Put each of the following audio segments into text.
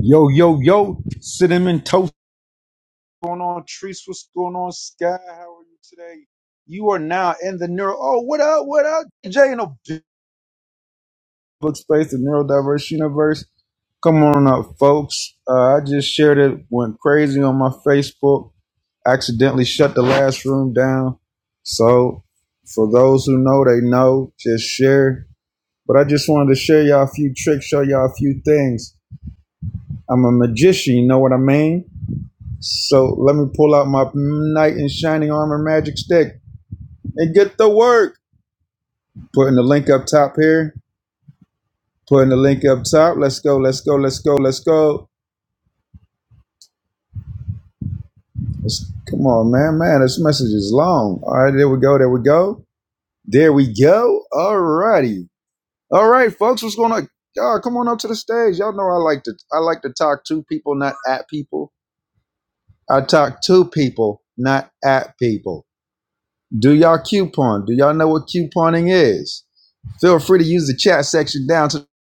Yo, yo, yo, cinnamon toast. What's going on, Trees? What's going on, Sky? How are you today? You are now in the neuro. Oh, what up? What up? Jay in the book space, the neurodiverse universe. Come on up, folks. Uh, I just shared it, went crazy on my Facebook. Accidentally shut the last room down. So, for those who know, they know. Just share. But I just wanted to share y'all a few tricks, show y'all a few things. I'm a magician, you know what I mean? So let me pull out my knight in shining armor magic stick and get to work. Putting the link up top here. Putting the link up top. Let's go, let's go, let's go, let's go. Let's, come on, man, man, this message is long. All right, there we go, there we go. There we go. All righty. All right, folks, what's going on? Y'all come on up to the stage. Y'all know I like to I like to talk to people, not at people. I talk to people, not at people. Do y'all coupon? Do y'all know what couponing is? Feel free to use the chat section down to the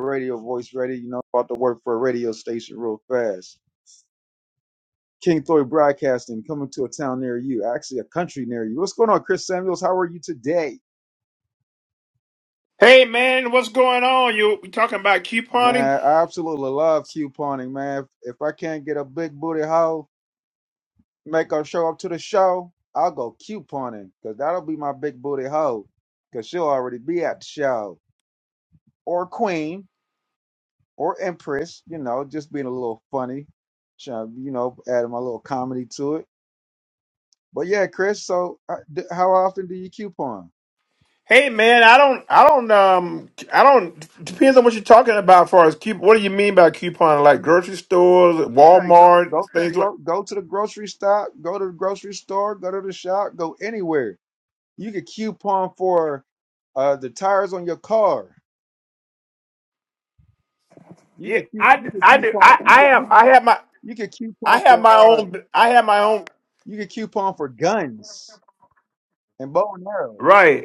radio voice ready. You know, about to work for a radio station real fast. King Floyd Broadcasting coming to a town near you, actually a country near you. What's going on, Chris Samuels? How are you today? Hey man, what's going on? You we talking about couponing? Man, I absolutely love couponing, man. If I can't get a big booty hoe, make her show up to the show, I'll go couponing because that'll be my big booty hoe because she'll already be at the show. Or queen, or Empress, you know, just being a little funny, trying to, you know, adding my little comedy to it. But yeah, Chris. So, uh, d- how often do you coupon? Hey man, I don't, I don't, um, I don't. Depends on what you're talking about. As far as coupon, what do you mean by couponing? Like grocery stores, Hey, go Walmart, go to the things like. gro- go to the grocery stop, go to the grocery store, go to the shop, go anywhere. You could coupon for uh, the tires on your car. You Yeah, could cu- you I, could I do. coupon I, you I could you, have, I could- have my, you could I coupon have for my uh own, I have my own. you could coupon for guns and bow and arrows. Right.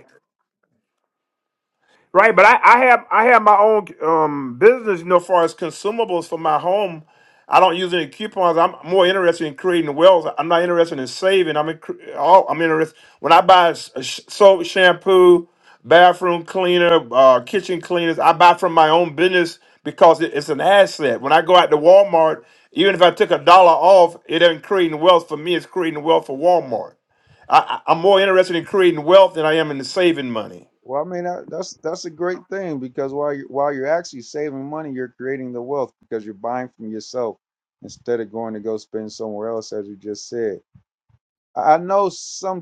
Right, but I, I have I have my own um, business, you know, as far as consumables for my home. I don't use any coupons. I'm more interested in creating wealth. I'm not interested in saving. I'm in, all, I'm interested when I buy s- sh- soap, shampoo, bathroom cleaner, uh, kitchen cleaners. I buy from my own business because it, it's an asset. When I go out to Walmart, even if I took a dollar off, it ain't creating wealth for me. It's creating wealth for Walmart. I, I- I'm more interested in creating wealth than I am in saving money. Well, I mean that, that's that's a great thing because while you while you're actually saving money, you're creating the wealth because you're buying from yourself instead of going to go spend somewhere else, as you just said. I I know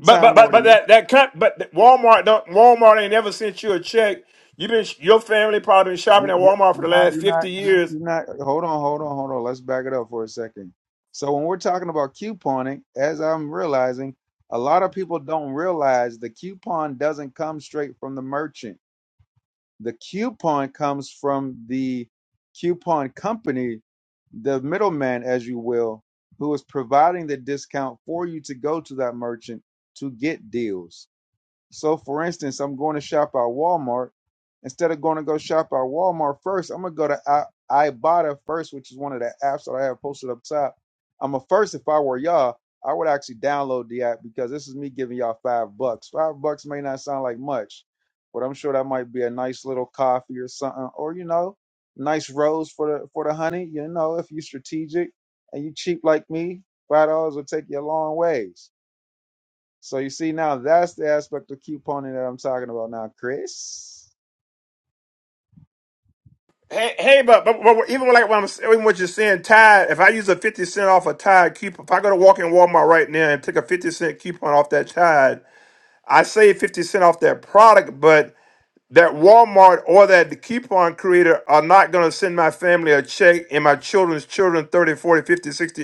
But but or but but the oth- that that cut but th- Walmart don't Walmart ain't never sent you a check. You've been your family probably been shopping you- at you- Walmart for you're the not last you're not fifty years. you're not. Hold on, hold on, hold on. Let's back it up for a second. So when we're talking about couponing, as I'm realizing, a lot of people don't realize the coupon doesn't come straight from the merchant The coupon comes from the coupon company, the middleman, as you will, who is providing the discount for you to go to that merchant to get deals. So, for instance, I'm going to shop at Walmart. Instead of going to go shop at Walmart first, I'm gonna go to I- Ibotta first, which is one of the apps that I have posted up top. I'm a first. If I were y'all, I would actually download the app because this is me giving y'all five bucks. Five bucks may not sound like much, but I'm sure that might be a nice little coffee or something, or you know, nice rose for the for the honey. You know, if you're strategic and you cheap like me, five dollars will take you a long ways. So you see now that's the aspect of couponing that I'm talking about now, Chris. Hey hey, but but, but even like what I'm even what you're saying, Tide. If I use a fifty cent off a Tide coupon, if I go to walk in Walmart right now and take a fifty cent coupon off that Tide, I save fifty cent off that product, but that Walmart or that the coupon creator are not going to send my family a check and my children's children 30, 40, 50, 60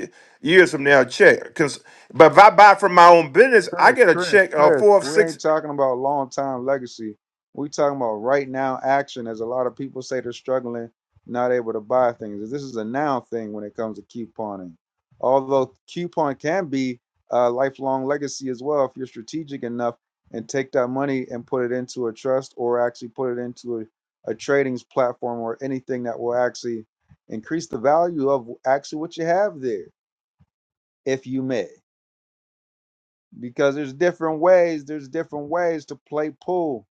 years from now a check. Because but if I buy from my own business, I Chris, get a Chris, check of Chris. four or We six. ain't talking about long time legacy. We talking about right now action. As a lot of people say they're struggling, not able to buy things. This is a now thing when it comes to couponing. Although coupon can be a lifelong legacy as well if you're strategic enough and take that money and put it into a trust or actually put it into a, a tradings platform or anything that will actually increase the value of actually what you have there, if you may because there's different ways there's different ways to play pool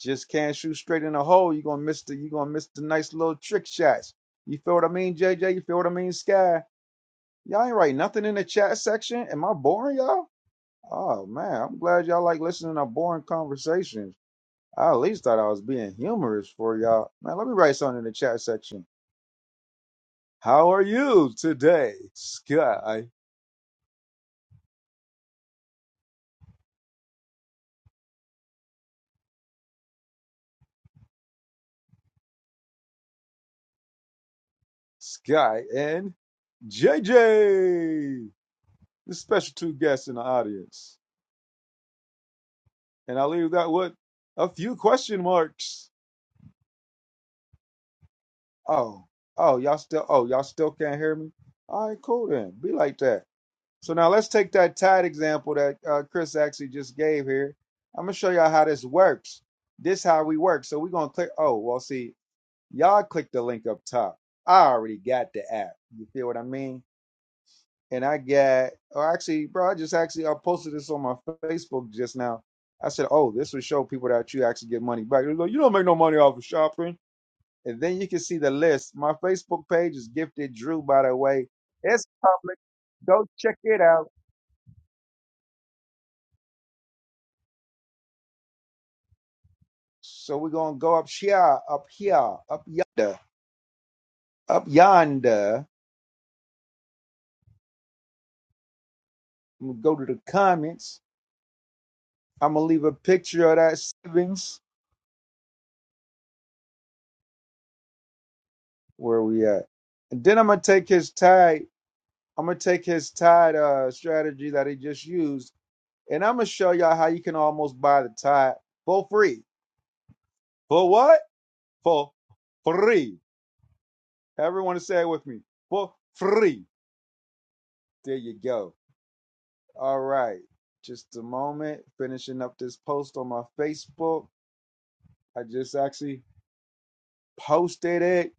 just can't shoot straight in the hole you're gonna miss the you're gonna miss the nice little trick shots you feel what i mean jj you feel what i mean sky y'all ain't write nothing in the chat section am i boring y'all oh man i'm glad y'all like listening to boring conversations i at least thought i was being humorous for y'all man let me write something in the chat section how are you today sky sky and jj the special two guests in the audience. And I leave that with a few question marks. Oh, oh, y'all still, oh, y'all still can't hear me? All right, cool then. Be like that. So now let's take that tide example that uh, Chris actually just gave here. I'm gonna show y'all how this works. This how we work. So we're gonna click. Oh, well, see, y'all click the link up top. I already got the app. You feel what I mean? and I got, or actually, bro, I just actually I posted this on my Facebook just now. I said, "Oh, this would show people that you actually get money back." They go, "You don't make no money off of shopping," and then you can see the list. My Facebook page is Gifted Drew, by the way. It's public. Go check it out. So we're gonna go up here, up here, up yonder, up yonder. I'm gonna go to the comments. I'm gonna leave a picture of that savings. Where we at? And then I'm gonna take his tag I'm gonna take his tide uh, strategy that he just used, and I'm gonna show y'all how you can almost buy the tide for free. For what? For free. Everyone say it with me. For free. There you go. All right. Just a moment. Finishing up this post on my Facebook. I just actually posted it,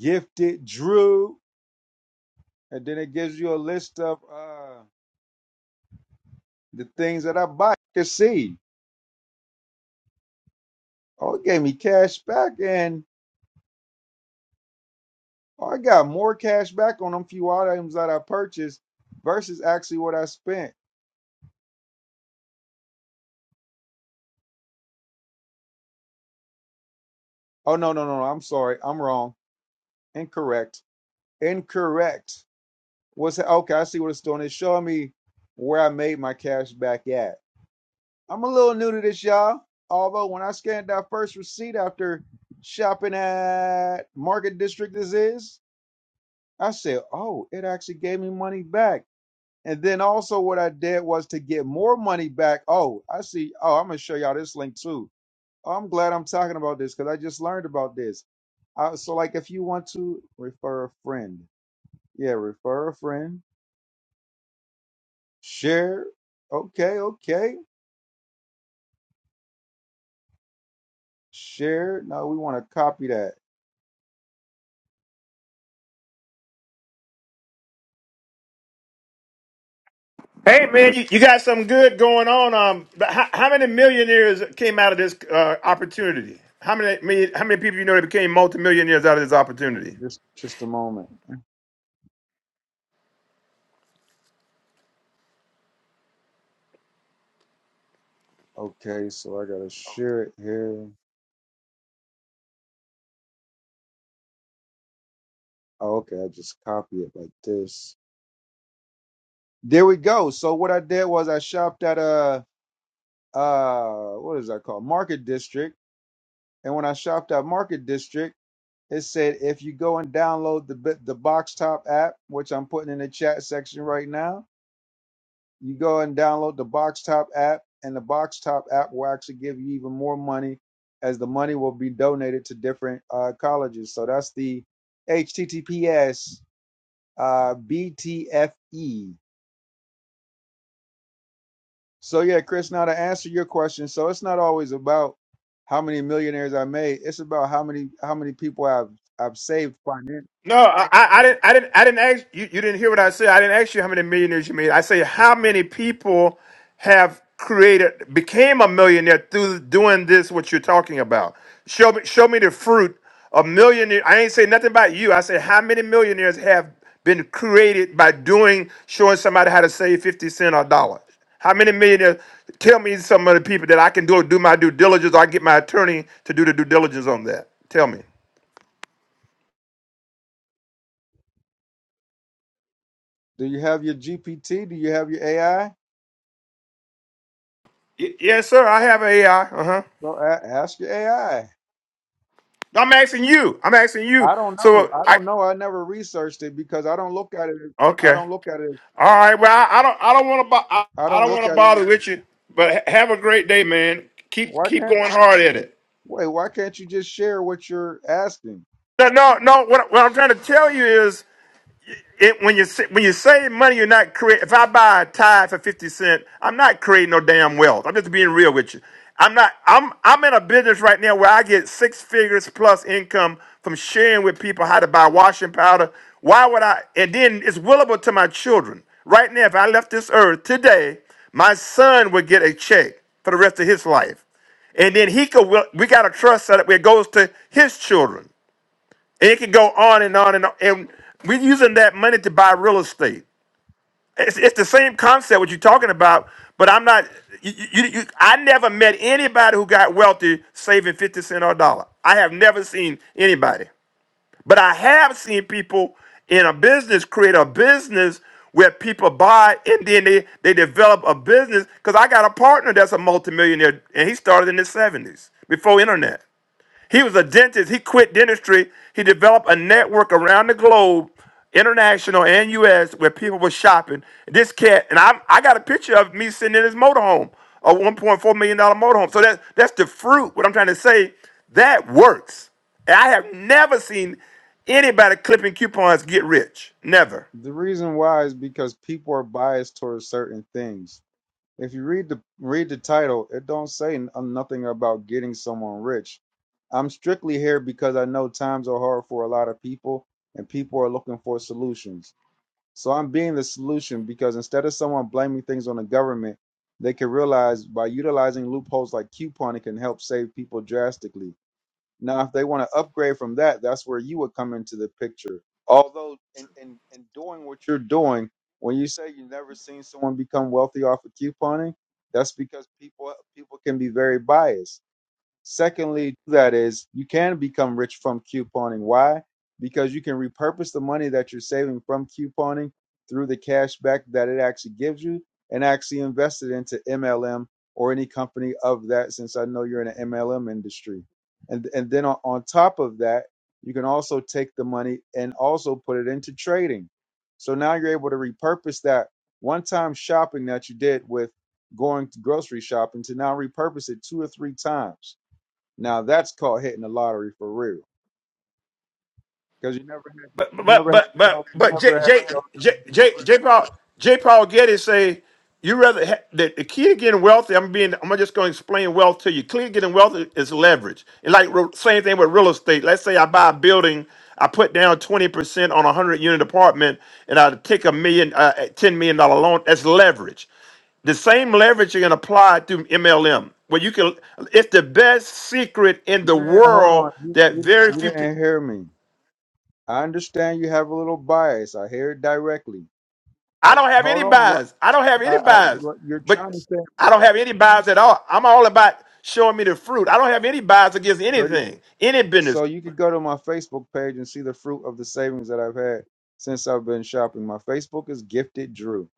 gifted Drew, and then it gives you a list of uh, the things that I buy. You can see. Oh, it gave me cash back and Oh, I got more cash back on them few items that I purchased versus actually what I spent. Oh no, no, no, no. I'm sorry. I'm wrong. Incorrect. Incorrect. What's okay, I see what it's doing. It's showing me where I made my cash back at. I'm a little new to this, y'all. Although when I scanned that first receipt after shopping at Market District this is, I said, Oh, it actually gave me money back. And then also what I did was to get more money back. Oh, I see. Oh, I'm gonna show y'all this link too. Oh, I'm glad I'm talking about this because I just learned about this. Uh, so like if you want to refer a friend, yeah, refer a friend, share. Okay, okay, share. No, we want to copy that. Hey man, you, you got something good going on. Um, but how, how many millionaires came out of this uh, opportunity? How many me- how many people you know that became multimillionaires out of this opportunity? Just just a moment. Okay, so I gotta share it here. Oh, okay, I just copy it like this. There we go. So what I did was I shopped at uh uh what is that called market district and when i shopped at market district it said if you go and download the bi- the box top app which i'm putting in the chat section right now you go and download the box top app and the box top app will actually give you even more money as the money will be donated to different uh, colleges so that's the https uh, btfe So yeah, Chris, now to answer your question, so it's not always about how many millionaires I made. It's about how many how many people I've I've saved financially. No, I, I, I didn't. I didn't. I didn't ask you. You didn't hear what I said. I didn't ask you how many millionaires you made. I say how many people have created, became a millionaire through doing this. What you're talking about. Show me. Show me the fruit of millionaire. I ain't say nothing about you. I said how many millionaires have been created by doing showing somebody how to save fifty cent or a dollar. How many millionaires? Tell me some of the people that I can do do my due diligence. or I get my attorney to do the due diligence on that. Tell me. Do you have your GPT? Do you have your AI? Y- yes, sir. I have AI. Uh huh. Well, a- ask your AI. I I'm asking you. I'm asking you. I don't know. So I I don't know. I never researched it because I don't look at it. as- I okay. don't look at it. as- All right. Well, I, I don't. I don't want to. Bo- I, I I don't don't look want to at it. as- bother with you. But ha- have a great day, man. Keep Why keep can't going hard at it. wait? Why can't you just share what you're asking? No, no, no. What, what I'm trying to tell you is, it, when you when you save money, you're not creating. If I buy a tie for fifty cent, I'm not creating no damn wealth. I'm just being real with you. I'm not. I'm I'm in a business right now where I get six figures plus income from sharing with people how to buy washing powder. Why would I? And then it's willable to my children. Right now, if I left this earth today, my son would get a check for the rest of his life, and then he could. We got a trust set up where it goes to his children. It could go on and on and on. And we're using that money to buy real estate. It's, it's the same concept what you're talking about, but I'm not. You, you, you, I never met anybody who got wealthy saving 50 cents or a dollar. I have never seen anybody. But I have seen people in a business create a business where people buy and then they, they develop a business. Because I got a partner that's a multimillionaire and he started in the 70s before internet. He was a dentist. He quit dentistry. He developed a network around the globe, international and U.S., where people were shopping. This cat, and I, I got a picture of me sitting in his motorhome, a 1.4 million dollar motorhome. So that's that's the fruit. What I'm trying to say, that works. And I have never seen anybody clipping coupons get rich. Never. The reason why is because people are biased towards certain things If you read the read the title, it don't say n- uh, nothing about getting someone rich. I'm strictly here because I know times are hard for a lot of people and people are looking for solutions. So I'm being the solution because instead of someone blaming things on the government, they can realize by utilizing loopholes like couponing can help save people drastically. Now, if they want to upgrade from that, that's where you would come into the picture. Although, in, in, in doing what you're doing, when you say you've never seen someone become wealthy off of couponing, that's because people people can be very biased Secondly, that is, you can become rich from couponing. Why? Because you can repurpose the money that you're saving from couponing through the cash back that it actually gives you and actually invest it into MLM or any company of that, since I know you're in the MLM industry. And, and then on, on top of that, you can also take the money and also put it into trading. So now you're able to repurpose that one time shopping that you did with going to grocery shopping to now repurpose it two or three times now that's called hitting the lottery for real, because you never have to, But you but never have but to but go, you but never J have J to go. J J, J Paul J Paul Getty say you rather ha- the, the key to getting wealthy. I'm being I'm just going to explain wealth to you. Clearly, getting wealthy is leverage. And like re- same thing with real estate. Let's say I buy a building, I put down twenty percent on a hundred unit apartment, and I take a million uh, ten million dollar loan. That's leverage. The same leverage you can apply through MLM, where you can. It's the best secret in the Yeah, hold on, world you, that you very you few. didn't hear me. I understand you have a little bias. I hear it directly. I, I don't have hold any on, what bias. I don't have I, any I bias. what you're But trying to say? I don't have any bias at all. I'm all about showing me the fruit. I don't have any bias against So you anything, any business. so you could go to my Facebook page and see the fruit of the savings that I've had since I've been shopping. My Facebook is Gifted Drew.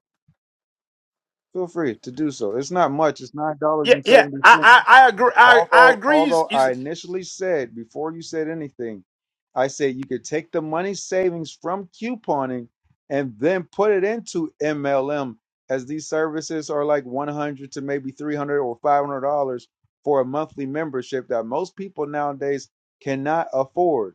Feel free to do so. It's not much. It's nine dollars Yeah, and yeah. seventy I cents. I, I agree. I I although although agree. I initially said before you said anything, I said you could take the money savings from couponing and then put it into MLM as these services are like 100 to maybe 300 or 500 dollars for a monthly membership that most people nowadays cannot afford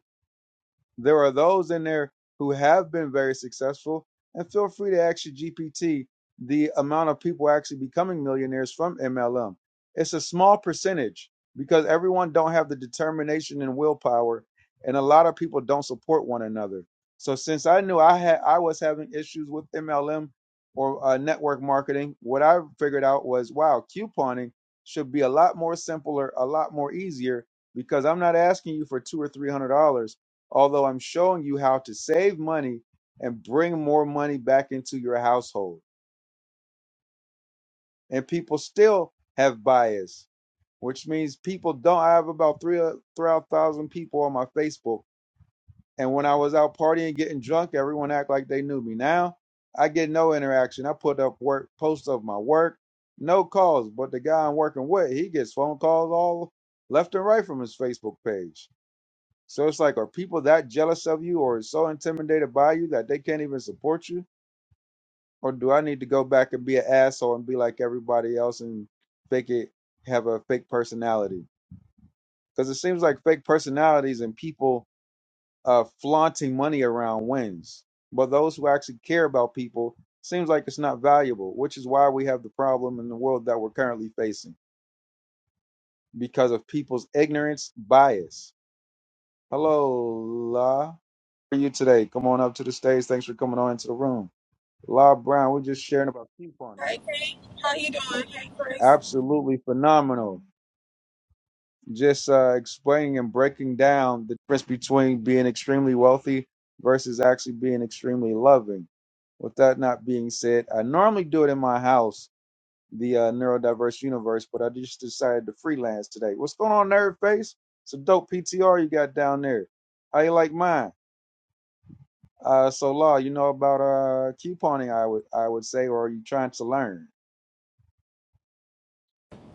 there are those in there who have been very successful, and feel free to ask your GPT the amount of people actually becoming millionaires from MLM. It's a small percentage because everyone don't have the determination and willpower, and a lot of people don't support one another. So since I knew I had I was having issues with MLM or uh, network marketing, what I figured out was wow, couponing should be a lot more simpler, a lot more easier because I'm not asking you for two or three hundred dollars although I'm showing you how to save money and bring more money back into your household. And people still have bias, which means people don't. I have about three uh, three thousand people on my Facebook, and when I was out partying, getting drunk, everyone act like they knew me. Now I get no interaction. I put up work posts of my work, no calls. But the guy I'm working with, he gets phone calls all left and right from his Facebook page So it's like, are people that jealous of you or so intimidated by you that they can't even support you? Or do I need to go back and be an asshole and be like everybody else and fake it, have a fake personality? Because it seems like fake personalities and people uh, flaunting money around wins. But those who actually care about people seems like it's not valuable, which is why we have the problem in the world that we're currently facing because of people's ignorance bias. Hello, La. are you today? Come on up to the stage. Thanks for coming on into the room. La Brown, we're just sharing about couponing. Hey, Kate. How you doing? Hey, Chris. Absolutely phenomenal. Just uh, explaining and breaking down the difference between being extremely wealthy versus actually being extremely loving. With that not being said, I normally do it in my house, the uh, neurodiverse universe, but I just decided to freelance today. What's going on, Nerd Face? It's a dope PTR you got down there. How you like mine? Uh, so law, you know about uh couponing? I would I would say, or are you trying to learn?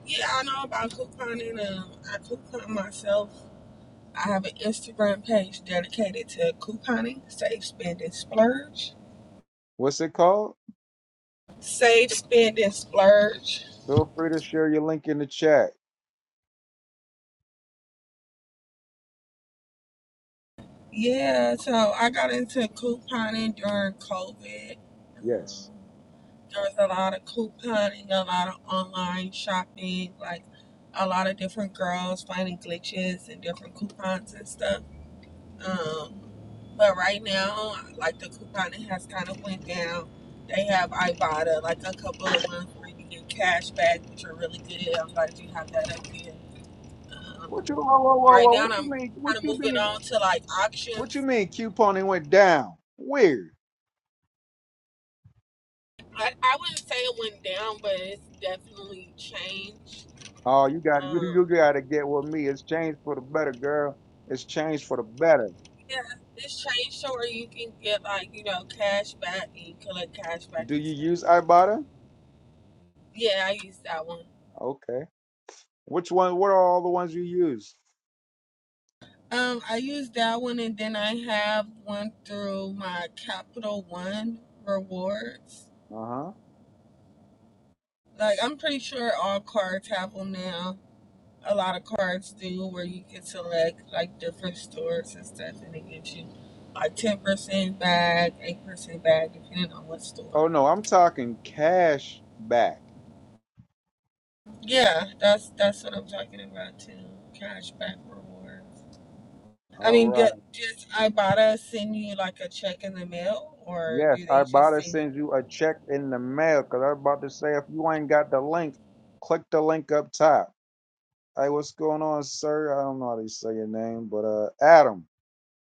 Yeah, I know about couponing. Um, I coupon myself. I have an Instagram page dedicated to couponing, save, spend, and splurge. What's it called? Save, spend, and splurge. Feel free to share your link in the chat. Yeah, so I got into couponing during COVID. Yes. Um, there was a lot of couponing, a lot of online shopping, like a lot of different girls finding glitches and different coupons and stuff. Um, but right now, like the couponing has kind of went down. They have Ibotta, like a couple of ones where you get cash back, which are really good. I'm glad you have that up here. Um, What you? Whoa, whoa, whoa, right whoa! now, What you I'm mean? What kind of you moving mean? on to like What you auctions. mean? Couponing went down. Weird. I, I wouldn't say it went down, but it's definitely changed. Oh, you got to you, Um, you got to get with me. It's changed for the better, girl. It's changed for the better. yeah, it's changed to where you can get like you know cash back and you collect cash back Do and you stuff. use Ibotta? Yeah, I used that one. Okay. Which one? What are all the ones you use? Um, I used that one, and then I have one through my Capital One rewards. Uh huh. Like I'm pretty sure all cards have them now. A lot of cards do, where you can select like different stores and stuff, and it gives you like ten percent back, eight percent back, depending on what Oh store. no, I'm talking cash back. Yeah, that's that's what I'm talking about too. Cashback rewards. I All mean, right. d- just Ibotta send you like a check in the mail, or Yes, do I they about just to send you? send you a check in the mail because I was about to say if you ain't got the link, click the link up top. Hey, what's going on, sir? I don't know how to say your name, but uh, Adam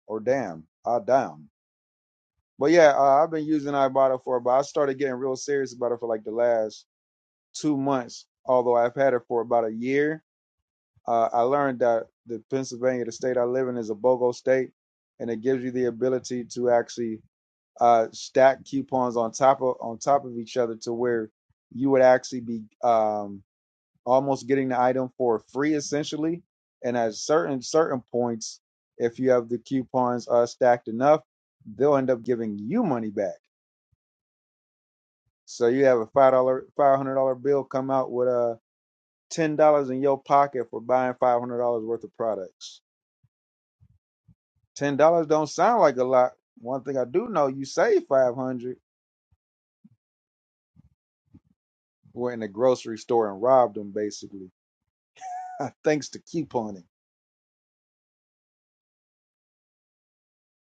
or Damn, Adam. But yeah, uh, I've been using Ibotta for, but I started getting real serious about it for like the last two months. Although I've had it for about a year, uh, I learned that the Pennsylvania, the state I live in, is a BOGO state, and it gives you the ability to actually uh, stack coupons on top of on top of each other to where you would actually be um, almost getting the item for free essentially. And at certain certain points, if you have the coupons uh, stacked enough, they'll end up giving you money back. So you have a five dollar five hundred dollar bill come out with uh, ten dollars in your pocket for buying five hundred dollars worth of products. Ten dollars don't sound like a lot. One thing I do know, you save five hundred. Went in the grocery store and robbed them basically. Uh, thanks to couponing.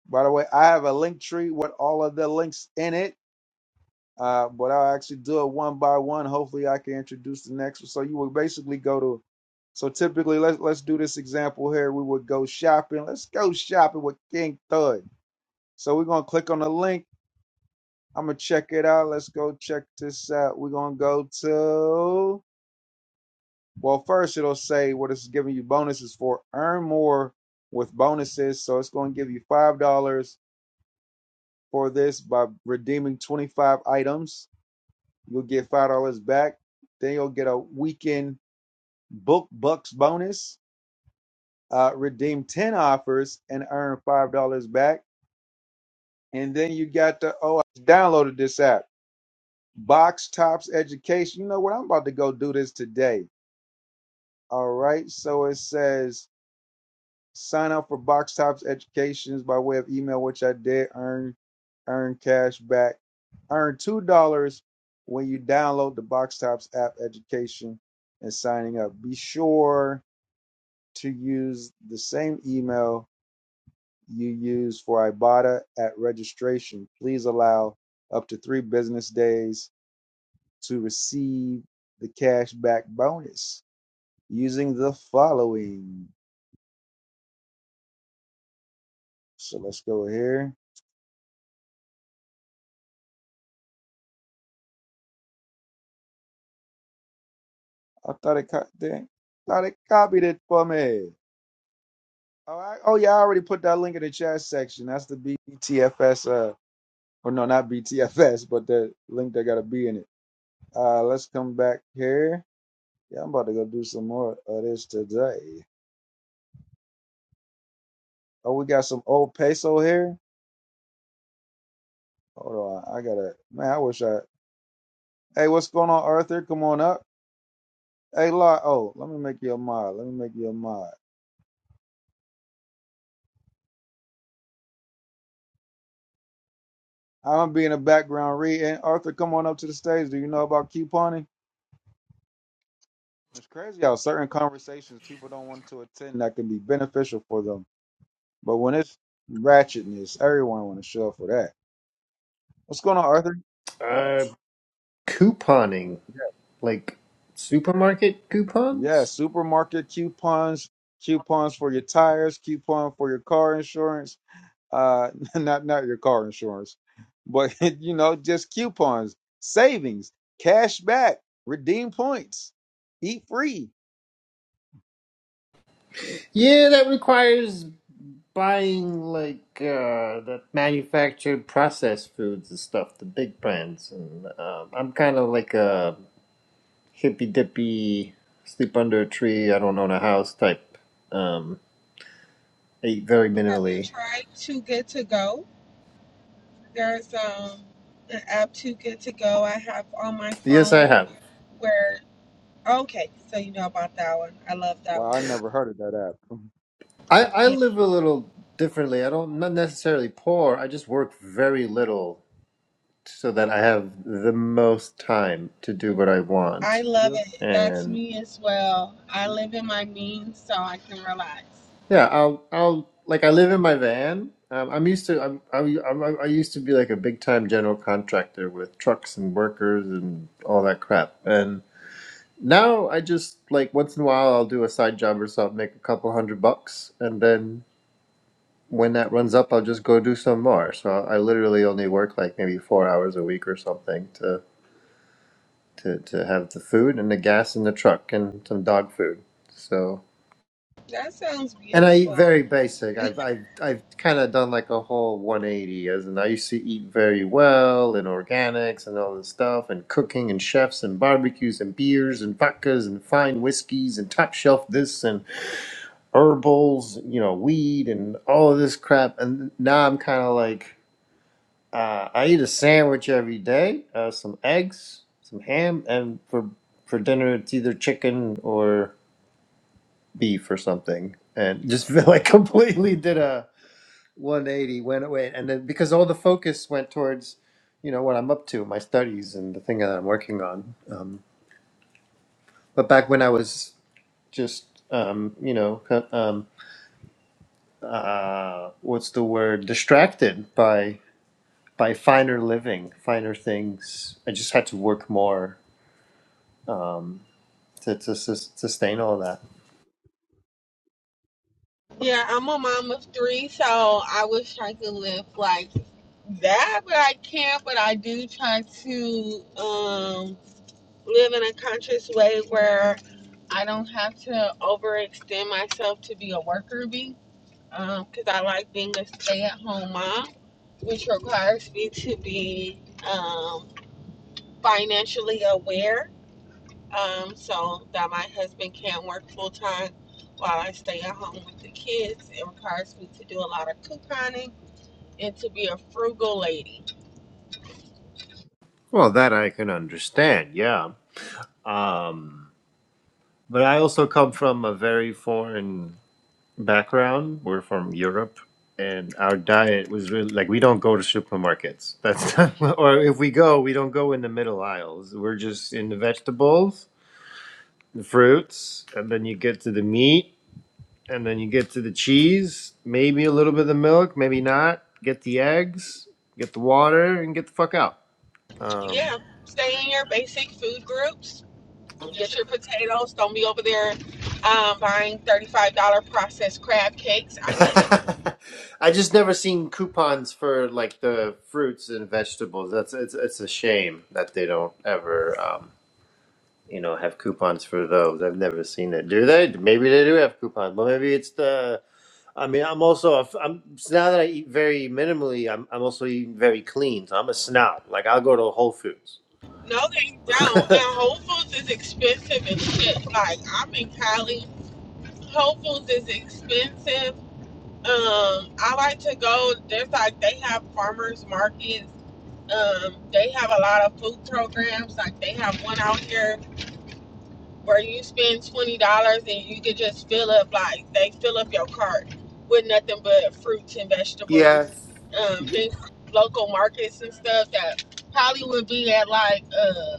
By the way, I have a link tree with all of the links in it, uh, but I'll actually do it one by one. Hopefully, I can introduce the next one. So you would basically go to. So typically, let's let's do this example here. We would go shopping. Let's go shopping with King Thud. So we're gonna click on the link. I'm gonna check it out. Let's go check this out. We're gonna go to. Well, first it'll say what it's giving you bonuses for. Earn more with bonuses. So it's gonna give you five dollars for this by redeeming 25 items. You'll get $5 back. Then you'll get a weekend book bucks bonus. Uh, redeem 10 offers and earn $5 back. And then you got the, oh, I downloaded this app, Box Tops Education. You know what? I'm about to go do this today. All right. So it says, Sign up for Box Tops Educations by way of email, which I did earn earn cash back. Earn two dollars when you download the Box Tops app education and signing up. Be sure to use the same email you use for Ibotta at registration. Please allow up to three business days to receive the cash back bonus using the following. So let's go here I thought it co- dang, thought it copied it for me. All right. Oh yeah, I already put that link in the chat section. That's the BTFS. Uh, or no, not BTFS, but the link that got a B in it. Uh, let's come back here. Yeah, I'm about to go do some more of this today. Oh, we got some old peso here. Hold on, I gotta. Man, I wish I. Hey, what's going on, Arthur? Come on up. Hey, lot. Oh, let me make you a mod. Let me make you a mod. I'm gonna be in the background reading. Arthur, come on up to the stage. Do you know about couponing? It's crazy how certain conversations people don't want to attend that can be beneficial for them. But when it's ratchetness, everyone want to show up for that. What's going on, Arthur? Uh, couponing, like supermarket Yeah, coupons? supermarket coupons, coupons for your tires, coupon for your car insurance. Uh, not not your car insurance, but you know, just coupons, savings, cash back, redeem points, eat free. Yeah, that requires buying like uh, the manufactured processed foods and stuff, the big brands. And um, I'm kind of like a hippy dippy, sleep under a tree, I don't own a house type. Um, I eat very Have you minimally. tried Too Good to Go? There's um an app Too Good to Go I have on my Yes, I phone have. where okay, so you know about that one. I love that Wow, I one. never heard of that app. I, I Yeah, live a little differently. I don't, not necessarily poor. I just work very little so that I have the most time to do what I I want. love Yeah. it. That's And me as well. I live in my means so I can relax. yeah, I'll I'll like I live in my van. Um, I'm used to I'm, I'm, I'm I used to be like a big time general contractor with trucks and workers and all that crap. And now I just like once in a while I'll do a side job or something, make a couple hundred bucks, and then when that runs up, I'll just go do some more. So I literally only work like maybe four hours a week or something to. to, to have the food and the gas in the truck and some dog food. So, That sounds and I eat beautiful. very basic. I've, I've, I've kind of done like a whole 180 as in I used to eat very well and organics and all this stuff and cooking and chefs and barbecues and beers and vodkas and fine whiskeys and top shelf this and herbals, you know, weed and all of this crap. And now I'm kind of like, uh, I eat a sandwich every day, uh, some eggs, some ham, and for for dinner it's either chicken or beef or something. And just feel like completely did a 180, went away, and then because all the focus went towards, you know, what I'm up to, my studies and the thing that I'm working on. Um, but back when I was just, um, you know, co- um, uh, what's the word, distracted by by finer living, finer things, I just had to work more to, to sus- sustain all that. Yeah, I'm a mom of three, so I wish I could live like that, but I can't. But I do try to. Um, live in a conscious way where I don't have to overextend myself to be a worker bee because I like being a stay at home mom, which requires me to be um, financially aware um, so that my husband can not work full time while I stay at home with the kids. It requires me to do a lot of couponing and to be a frugal lady. Well, that I can understand, yeah. Um, but I also come from a very foreign background. We're from Europe, and our diet was really like we don't go to supermarkets. That's not, or if we go, we don't go in the middle aisles. We're just in the vegetables, the fruits, and then you get to the meat, and then you get to the cheese, maybe a little bit of the milk, maybe not. Get the eggs, get the water, and get the fuck out. Um, Yeah, stay in your basic food groups Get your potatoes. Don't be over there um, buying $35 processed crab cakes. I get it. I just never seen coupons for like the fruits and vegetables. That's it's it's a shame that they don't ever um, you know have coupons for those. I've never seen it. Do they? Maybe they do have coupons, but maybe it's the. I mean, I'm also a f- I'm so now that I eat very minimally. I'm I'm also eating very clean. So I'm a snob. Like I'll go to Whole Foods. No, they don't. And Whole Foods is expensive and shit. Like, I'm in Cali. Whole Foods is expensive. Um, I like to go. There's like, they have farmers markets. Um, they have a lot of food programs. Like, they have one out here where you spend twenty dollars and you could just fill up like they fill up your cart with nothing but fruits and vegetables, yes, um, things local markets and stuff that probably would be at like uh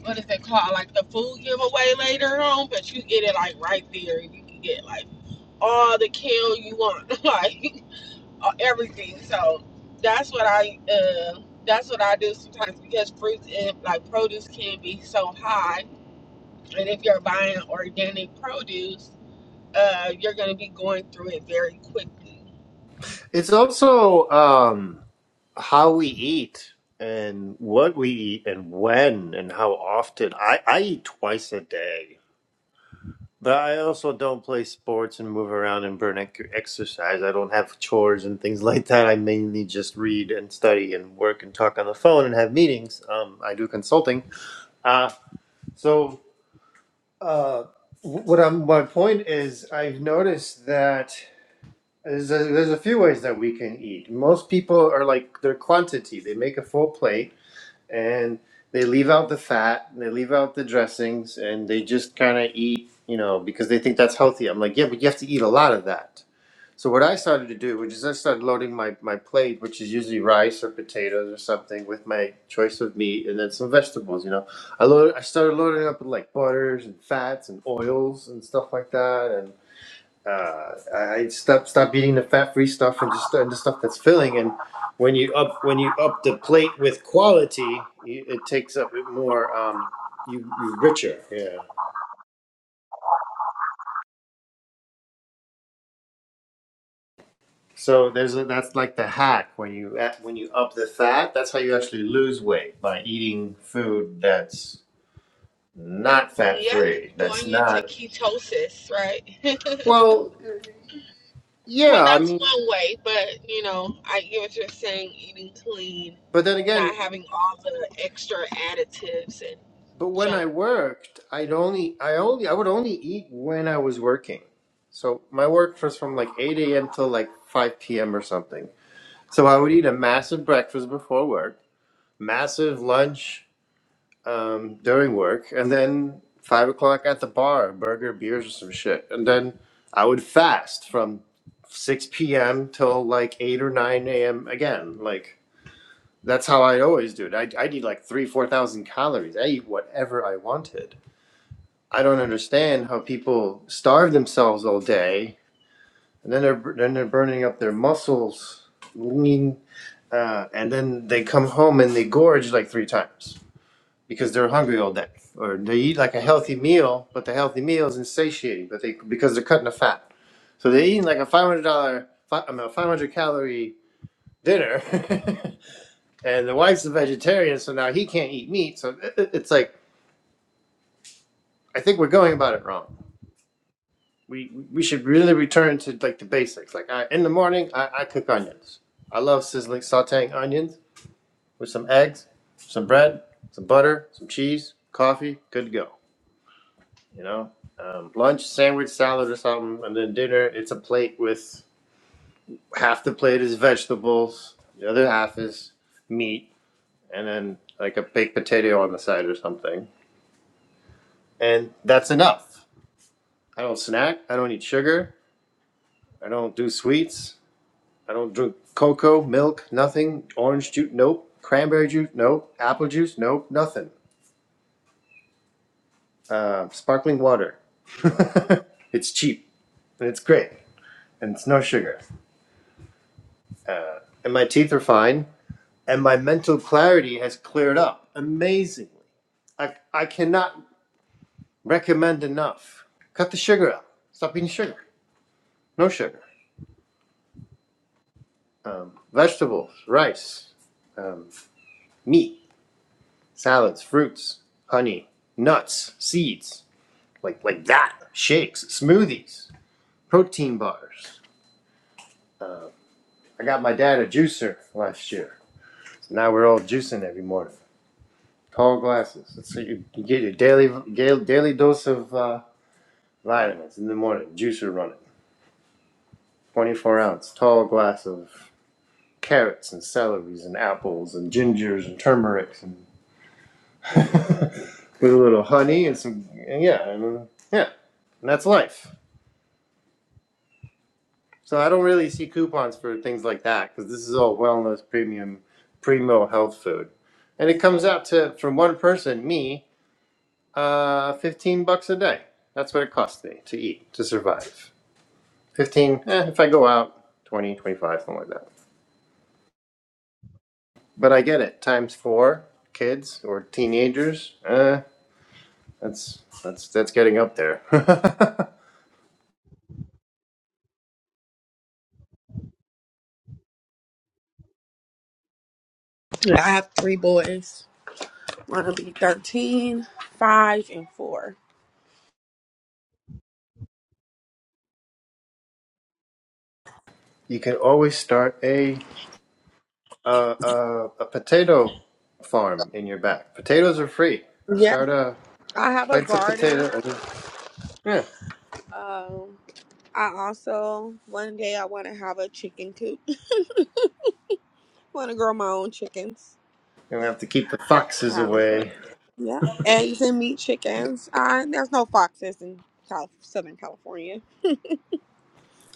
what is it called like the food giveaway later on, but you get it like right there and you can get like all the kale you want, like everything. So that's what I uh that's what I do sometimes because fruits and like produce can be so high and if you're buying organic produce, uh, you're going to be going through it very quickly. it's also. um how we eat and what we eat and when and how often. I, I eat twice a day, but I also don't play sports and move around and burn ec- exercise. I don't have chores and things like that. I mainly just read and study and work and talk on the phone and have meetings. Um, I do consulting. Uh, so, uh, wh- what I'm, my point is, I've noticed that there's a, there's a few ways that we can eat. Most people are like their quantity. They make a full plate and they leave out the fat and they leave out the dressings and they just kind of eat you know because they think that's healthy i'm like yeah but you have to eat a lot of that so what i started to do which is i started loading my, my plate which is usually rice or potatoes or something with my choice of meat and then some vegetables you know i load, i started loading up with like butters and fats and oils and stuff like that uh, I stop stop eating the fat free stuff and just and the stuff that's filling. And when you up when you up the plate with quality, you, it takes up it more. Um, you you richer. Yeah. So there's a, that's like the hack when you a- when you up the fat. That's how you actually lose weight by eating food that's not fat Yeah, free. That's going into not ketosis, right? well. well, Yeah, I that's mean, one way, but you know, I get what you're saying eating clean, but then not again. having all the extra additives and But when I junk. worked, I'd only, I only, I would only eat when I was working. So my work was from like 8 a.m. till like 5 p.m. or something. So I would eat a massive breakfast before work, massive lunch um, during work, and then five o'clock at the bar, burger, beers, or some shit. And then I would fast from 6 p.m. till like 8 or 9 a.m. again. Like that's how I always do it. I, i eat like three, 4,000 calories. I eat whatever I wanted I don't understand how people starve themselves all day and then they're then they're burning up their muscles, lean, uh, and then they come home and they gorge like three times because they're hungry all day. Or they eat like a healthy meal, but the healthy meal is insatiating, but they because they're cutting the fat. So they're eating like a five hundred dollar, I mean, a five hundred calorie dinner, and the wife's a vegetarian, so now he can't eat meat. So it- it- it's like I think we're going about it wrong. we we should really return to like the basics. Like I, in the morning, I, I cook onions. I love sizzling, sautéing onions with some eggs, some bread, some butter, some cheese, coffee. Good to go. You know, um, lunch, sandwich, salad, or something, and then dinner. It's a plate with half the plate is vegetables, the other half is meat, and then like a baked potato on the side or something. And that's enough. I don't snack. I don't eat sugar. I don't do sweets. I don't drink cocoa, milk, nothing. Orange juice, nope. Cranberry juice, nope. Apple juice, nope. Nothing. Uh, sparkling water. it's cheap and it's great and it's no sugar. Uh, and my teeth are fine and my mental clarity has cleared up amazingly. I, I cannot recommend enough. Cut the sugar out. Stop eating sugar. No sugar. Um, vegetables, rice, um, meat, salads, fruits, honey, nuts, seeds. like like that. Shakes, smoothies, protein bars. I got my dad a juicer last year. So now we're all juicing every morning. Tall glasses. So you, you get your daily daily dose of uh, vitamins in the morning. Juicer running. 24 ounce tall glass of carrots and celeries and apples and gingers and turmerics and with a little honey and some and yeah and, uh, yeah and that's life. So I don't really see coupons for things like that because this is all wellness premium primo health food. And it comes out to for one person, me, uh, fifteen bucks a day. That's what it costs me to eat, to survive. Fifteen, eh, if I go out, 20, 25, something like that. But I get it. Times four, kids or teenagers, uh, that's that's that's getting up there. Yeah, I have three boys. One will be 13, 5, and 4. you can always start a A uh, a potato farm in your back. Potatoes are free. Yeah, Start a I have a plant some garden. potato. And, yeah, Um, I also, one day I want to have a chicken coop. want to grow my own chickens. and we have to keep the foxes Um, for, away. yeah, eggs and meat chickens. Uh, there's no foxes in South Southern California.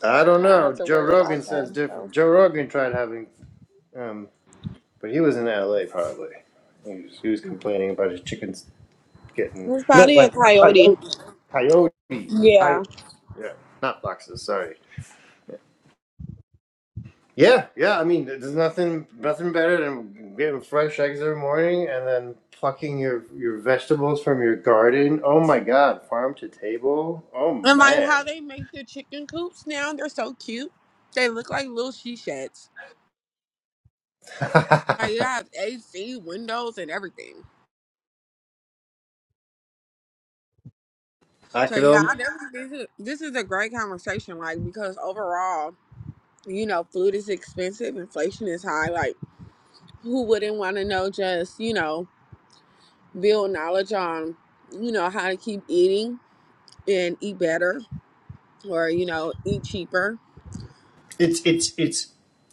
I don't I have know. to Joe worry Rogan about that. says So different. Joe Rogan tried having, um, but he was in L.A. probably. He was, he was complaining about his chickens getting there's no, probably a like coyote. coyote, coyote, Yeah, coyotes. Yeah, not foxes. Sorry. Yeah, yeah. I mean, there's nothing nothing better than getting fresh eggs every morning and then plucking your your vegetables from your garden. Oh my God, farm to table. Oh and like how man, they make the chicken coops now, they're so cute. They look like little she sheds. Like I you have AC windows and everything. So could yeah, only. I definitely think this is this is a great conversation. Like because overall, you know, food is expensive, inflation is high. Like who wouldn't want to know just you know build knowledge on you know how to keep eating and eat better or you know eat cheaper It's it's it's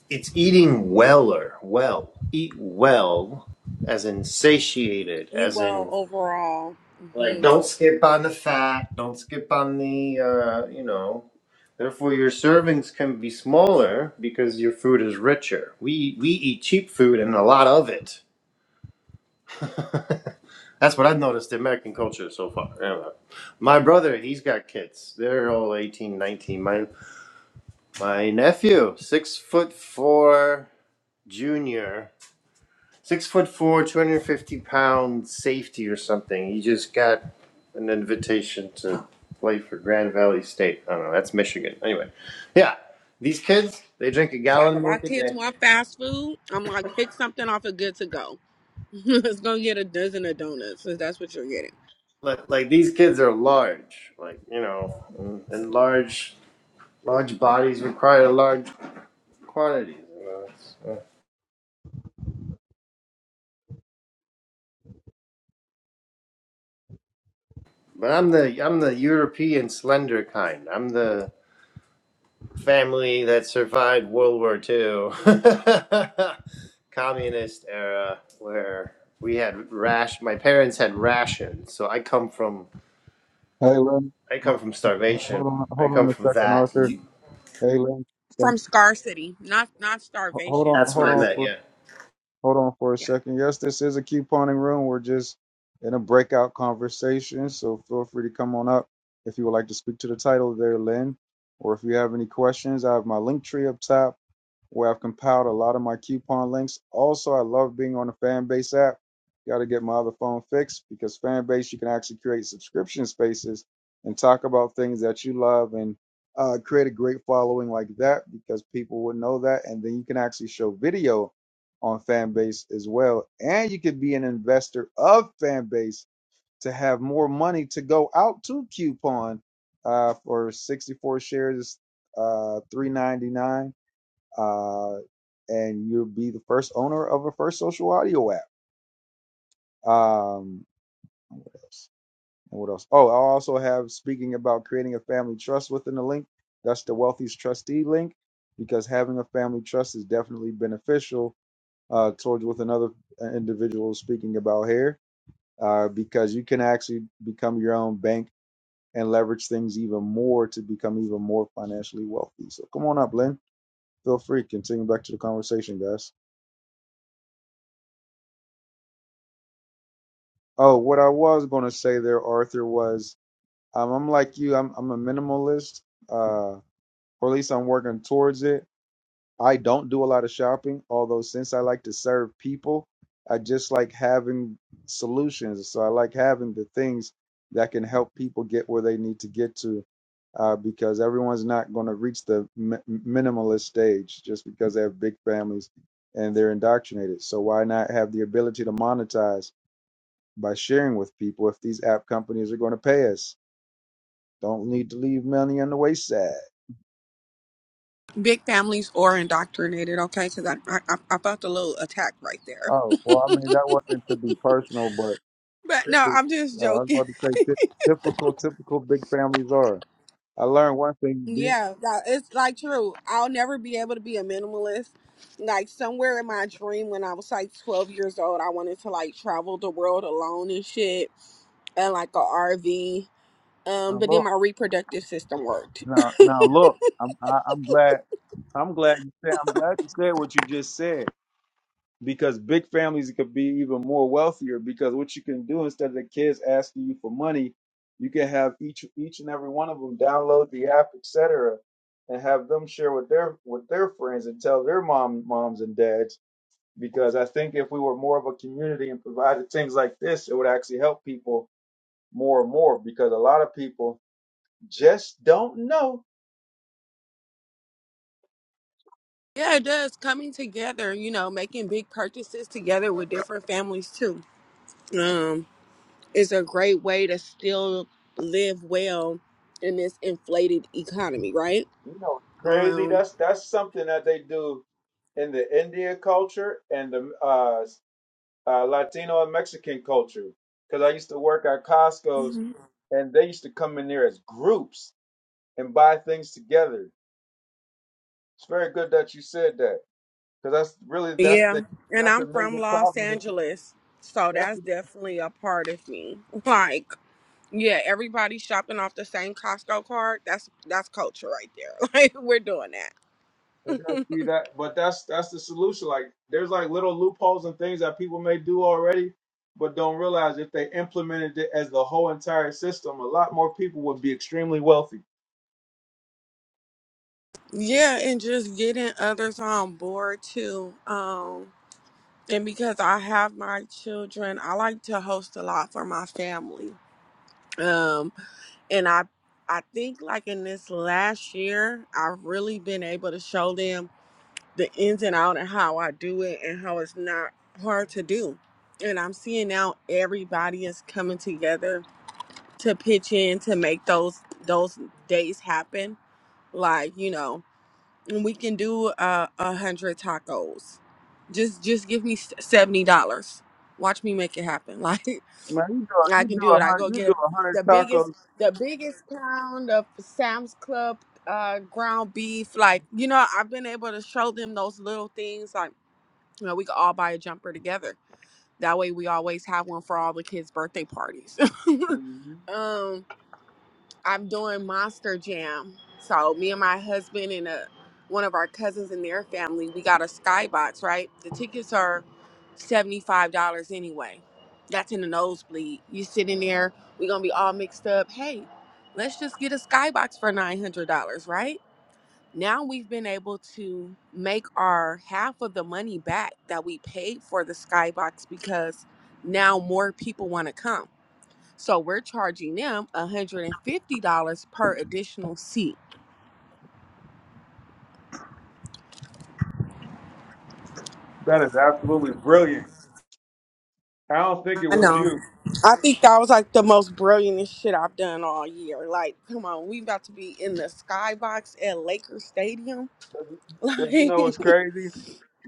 it's eating weller. Well, eat well, as in satiated, eat as well in overall like hmm don't skip on the fat, don't skip on the uh, you know. Therefore, your servings can be smaller because your food is richer. We we eat cheap food and a lot of it. That's what I've noticed in American culture so far. Anyway, my brother, he's got kids. They're all 18, 19. My my nephew, six foot four, junior. Six foot four, 250 pound safety or something. He just got an invitation to play for Grand Valley State. I don't know. That's Michigan. Anyway, yeah. These kids, they drink a it's like gallon if of our milk a kids day. want fast food i'm like pick something off of good to go it's gonna get a dozen of donuts if that's what you're getting Like, like these kids are large, like, you know, and, and large large bodies require large quantities. You know? it's- uh, But I'm the I'm the European slender kind. I'm the family that survived World War Two, communist era, where we had rash. My parents had rations, so I come from Hey, let me- I come from starvation. hold on, I hold come on a from second, that. Arthur. You, Hey, Lynn, um, from scarcity not not ho- hold on, starvation that's what hold I on meant. for scarcity Yeah. hold on for a yeah second. Yes, this is a couponing room. We're just in a breakout conversation, so feel free to come on up if you would like to speak to the title there, Lynn, or if you have any questions. I have my link tree up top where I've compiled a lot of my coupon links. Also, I love being on the Fanbase app. Got to get my other phone fixed because Fanbase, you can actually create subscription spaces and talk about things that you love and uh, create a great following like that because people would know that. And then you can actually show video on Fanbase as well. And you could be an investor of Fanbase to have more money to go out to coupon uh, for 64 shares, uh, 399 uh, and you'll be the first owner of a first social audio app. Um, what else? And what else? Oh, I also have speaking about creating a family trust within the link. That's the wealthiest trustee link because having a family trust is definitely beneficial uh, towards with another uh, individual speaking about here uh, because you can actually become your own bank and leverage things even more to become even more financially wealthy. So come on up, Lynn. Feel free. Continue back to the conversation, guys. Oh, what I was going to say there, Arthur, was um, I'm like you. I'm I'm a minimalist, uh, or at least I'm working towards it. I don't do a lot of shopping, although since I like to serve people, I just like having solutions. So I like having the things that can help people get where they need to get to, uh, because everyone's not going to reach the mi- minimalist stage just because they have big families and they're indoctrinated. So why not have the ability to monetize? by sharing with people if these app companies are going to pay us. Don't need to leave money on the wayside. big families or indoctrinated okay because I, I i I felt a little attack right there Oh, well, I mean, that wasn't to be personal, but but no typically, i'm just uh, I was joking about to say ty- typical, typical big families are. I learned one thing. Big, Yeah, yeah, it's like true. I'll never be able to be a minimalist. Like somewhere in my dream when I was like 12 years old, I wanted to like travel the world alone and shit and like a RV. Um, now but then look, my reproductive system worked. now, now look, I'm, I, I'm glad, I'm glad you said, I'm glad you said what you just said because big families could be even more wealthier because what you can do instead of the kids asking you for money you can have each each and every one of them download the app etc and have them share with their with their friends and tell their mom moms and dads because i think if we were more of a community and provided things like this it would actually help people more and more because a lot of people just don't know Yeah, it does. Coming together, you know, making big purchases together with different families too. Um, is a great way to still live well in this inflated economy, right? you know crazy Um, that's that's something that they do in the India culture and the uh, uh, Latino and Mexican culture. Because I used to work at Costco's and they used to come in there as groups and buy things together. It's very good that you said that because that's really that's Yeah, the and that's the I'm from major Los problem with Angeles, so that's, that's the- definitely a part of me. Like, yeah, everybody shopping off the same Costco card. That's that's culture right there. Like, we're doing that. and that's the, that but that's that's the solution. Like there's like little loopholes and things that people may do already, but don't realize if they implemented it as the whole entire system, a lot more people would be extremely wealthy. yeah, and just getting others on board too. Um, and because I have my children, I like to host a lot for my family. Um, and I I think like in this last year, I've really been able to show them the ins and out and how I do it and how it's not hard to do. And I'm seeing now everybody is coming together to pitch in to make those those days happen. Like you know, and we can do uh, a hundred tacos. Just just give me seventy dollars. Watch me make it happen. Man, you do Like a- I you can do do a it. I hundred go you get do a, a hundred the biggest the biggest pound of Sam's Club uh ground beef like you know i've been able to show them those little things like you know, we could all buy a jumper together. That way, we always have one for all the kids' birthday parties. tacos. um, I'm doing Monster Jam. So me and my husband and a, one of our cousins and their family, we got a skybox. Right, the tickets are seventy five dollars anyway. That's in the nosebleed. You sit in there. We're gonna be all mixed up. Hey, let's just get a skybox for nine hundred dollars, right? now we've been able to make our half of the money back that we paid for the skybox because now more people want to come so we're charging them $150 per additional seat That is absolutely brilliant. I don't think it I was know. you. I think that was like the most brilliant shit I've done all year. Like, come on, we about to be in the skybox at Lakers Stadium. 'Cause you Like, know it's crazy.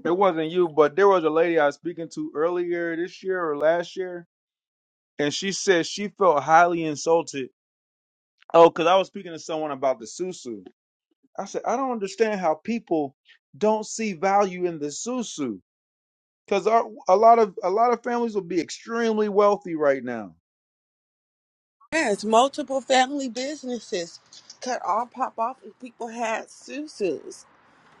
It wasn't you, but there was a lady I was speaking to earlier this year or last year, and she said she felt highly insulted. Oh, because I was speaking to someone about the susu. I said I don't understand how people don't see value in the susu because a lot of a lot of families will be extremely wealthy right now yes, multiple family businesses could all pop off if people had susus.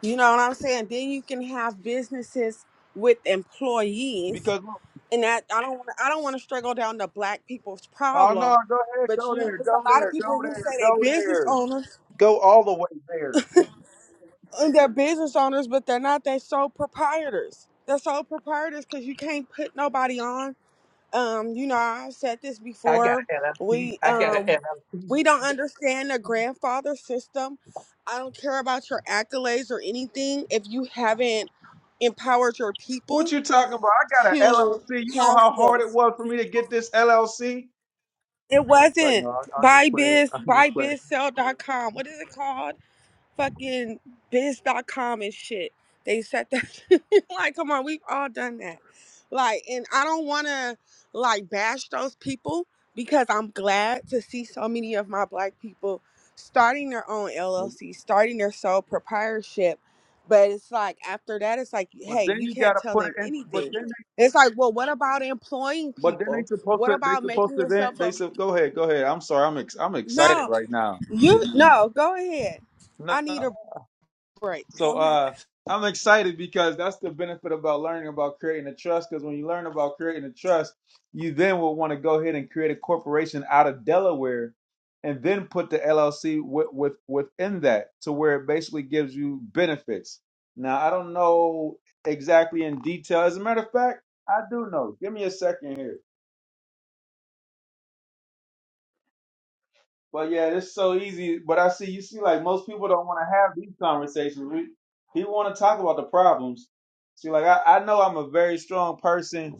You know what I'm saying? Then you can have businesses with employees, because look, and that I don't want. I don't want to struggle down the black people's oh no, problem. go ahead, But go you know, there, there's go a lot of there, go people who there, say they go business there, owners go all the way there. and they're business owners, but they're not. They're sole proprietors. They're sole proprietors because you can't put nobody on. um, you know, I've said this before. We um we don't understand the grandfather system. I don't care about your accolades or anything if you haven't empowered your What people you talking about? I got an to LLC. You know have how hard it skills. was for me to get this LLC. It It's like, no, wasn't I- I'm just buy playing. with- biz I'm buy just biz playing. sell dot com. What is it called? fucking biz dot com and shit. They said that like come on, we've all done that. Like and I don't want to like bash those people because I'm glad to see so many of my black people starting their own LLC, starting their sole proprietorship. But it's like after that it's like But hey, then you you can't gotta tell put it them in. But anything. then, they, It's like, well, what about employing but then they people? supposed What to. They about supposed making to. Then yourself they a said, go ahead, go ahead. I'm sorry. I'm ex, I'm excited No, right now. you no, go ahead. No. I need a break. So Go ahead. uh, I'm excited because that's the benefit about learning about creating a trust. Because when you learn about creating a trust, you then will want to go ahead and create a corporation out of Delaware, and then put the LLC with, with within that to where it basically gives you benefits. Now I don't know exactly in detail. As a matter of fact, I do know. Give me a second here. But yeah, it's so easy. But I see you see like most people don't want to have these conversations. We he want to talk about the problems. See, like I, I know I'm a very strong person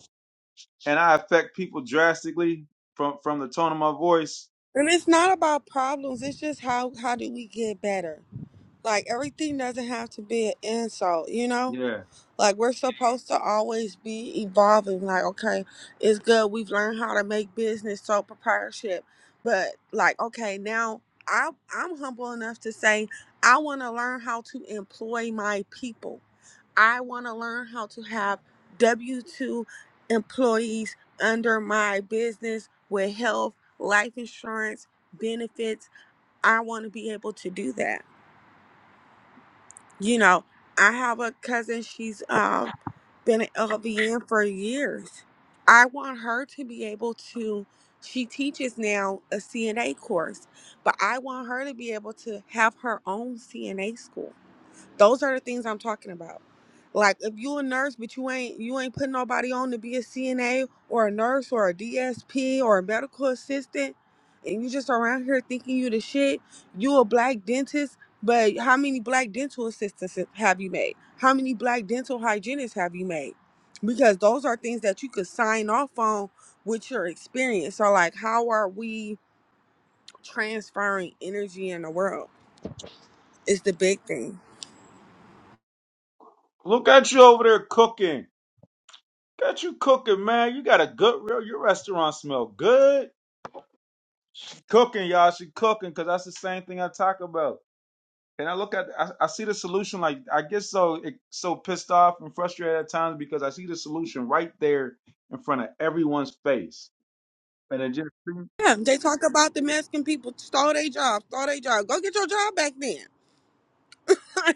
and I affect people drastically from from the tone of my voice. And it's not about problems. It's just how how do we get better? Like everything doesn't have to be an insult, you know. Yeah. Like we're supposed to always be evolving. Like, okay, it's good. We've learned how to make business sole proprietorship. But like, okay, now I I'm humble enough to say I want to learn how to employ my people. I want to learn how to have W two employees under my business with health, life insurance, benefits. I want to be able to do that. You know, I have a cousin, she's um been an LVN for years. I want her to be able to she teaches now a CNA course, but I want her to be able to have her own CNA school. Those are the things I'm talking about. Like if you a nurse, but you ain't you ain't putting nobody on to be a CNA or a nurse or a DSP or a medical assistant, and you just around here thinking you the shit. You a black dentist, but how many black dental assistants have you made? How many black dental hygienists have you made? Because those are things that you could sign off on with your experience. So like, how are we transferring energy in the world? Is the big thing. Look at you over there cooking. Got you cooking, man. You got a good real your restaurant smell good. Cooking, y'all should cooking, cause that's the same thing I talk about. And I look at, I, I see the solution. Like I get so so pissed off and frustrated at times because I see the solution right there in front of everyone's face, and it just Yeah, they talk about the Mexican people stole their job, stole their job. Go get your job back then.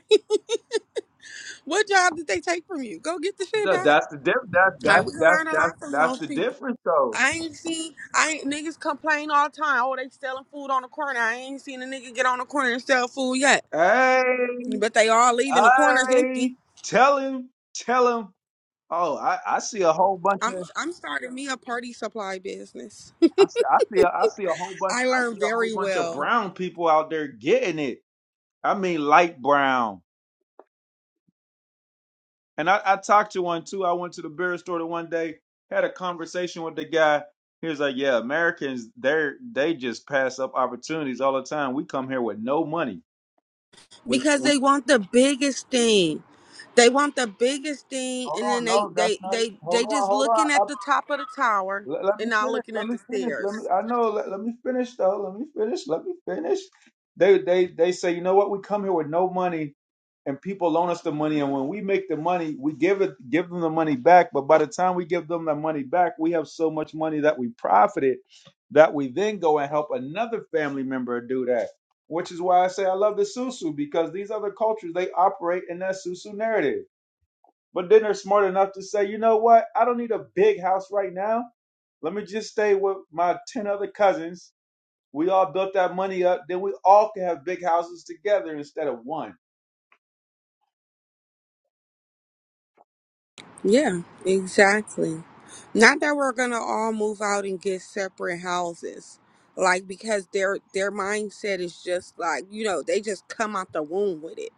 what job did they take from you? Go get the shit that- back. that's the diff, that's Like that's we can that's learn a that's lot from that's those the people. difference though. I ain't seen I ain't niggas complain all the time. Oh, they selling food on the corner. I ain't seen a nigga get on the corner and sell food yet. Hey, But they all leaving the corners empty. hey, tell him, tell him. Oh, I, I see a whole bunch I'm of I'm starting me a party supply business. I see I see a, I see a whole bunch I I learned see a whole very bunch of well brown people out there getting it. I mean, light brown. And I, I talked to one too. I went to the beer store the one day, had a conversation with the guy. He was like, "Yeah, Americans, they they just pass up opportunities all the time. We come here with no money. We because we they want the biggest thing. They want the biggest thing, hold and then on, they no, that's they not it. they Hold they on, just hold looking on. at the top of the tower Let, let me and not finish. looking Let at me the finish. Let me. stairs. I know. Let, let me finish though. Let me finish. Let me finish. They they they say, you know what? We come here with no money, and people loan us the money, and when we make the money, we give it give them the money back. But by the time we give them the money back, we have so much money that we profited that we then go and help another family member do that. Which is why I say I love the Susu because these other cultures they operate in that Susu narrative but then they're smart enough to say, you know what? I don't need a big house right now. Let me just stay with my 10 other cousins. We all built that money up. Then we all can have big houses together instead of one. Yeah, exactly. Not that we're gonna all move out and get separate houses, like because their their mindset is just like you know they just come out the womb with it.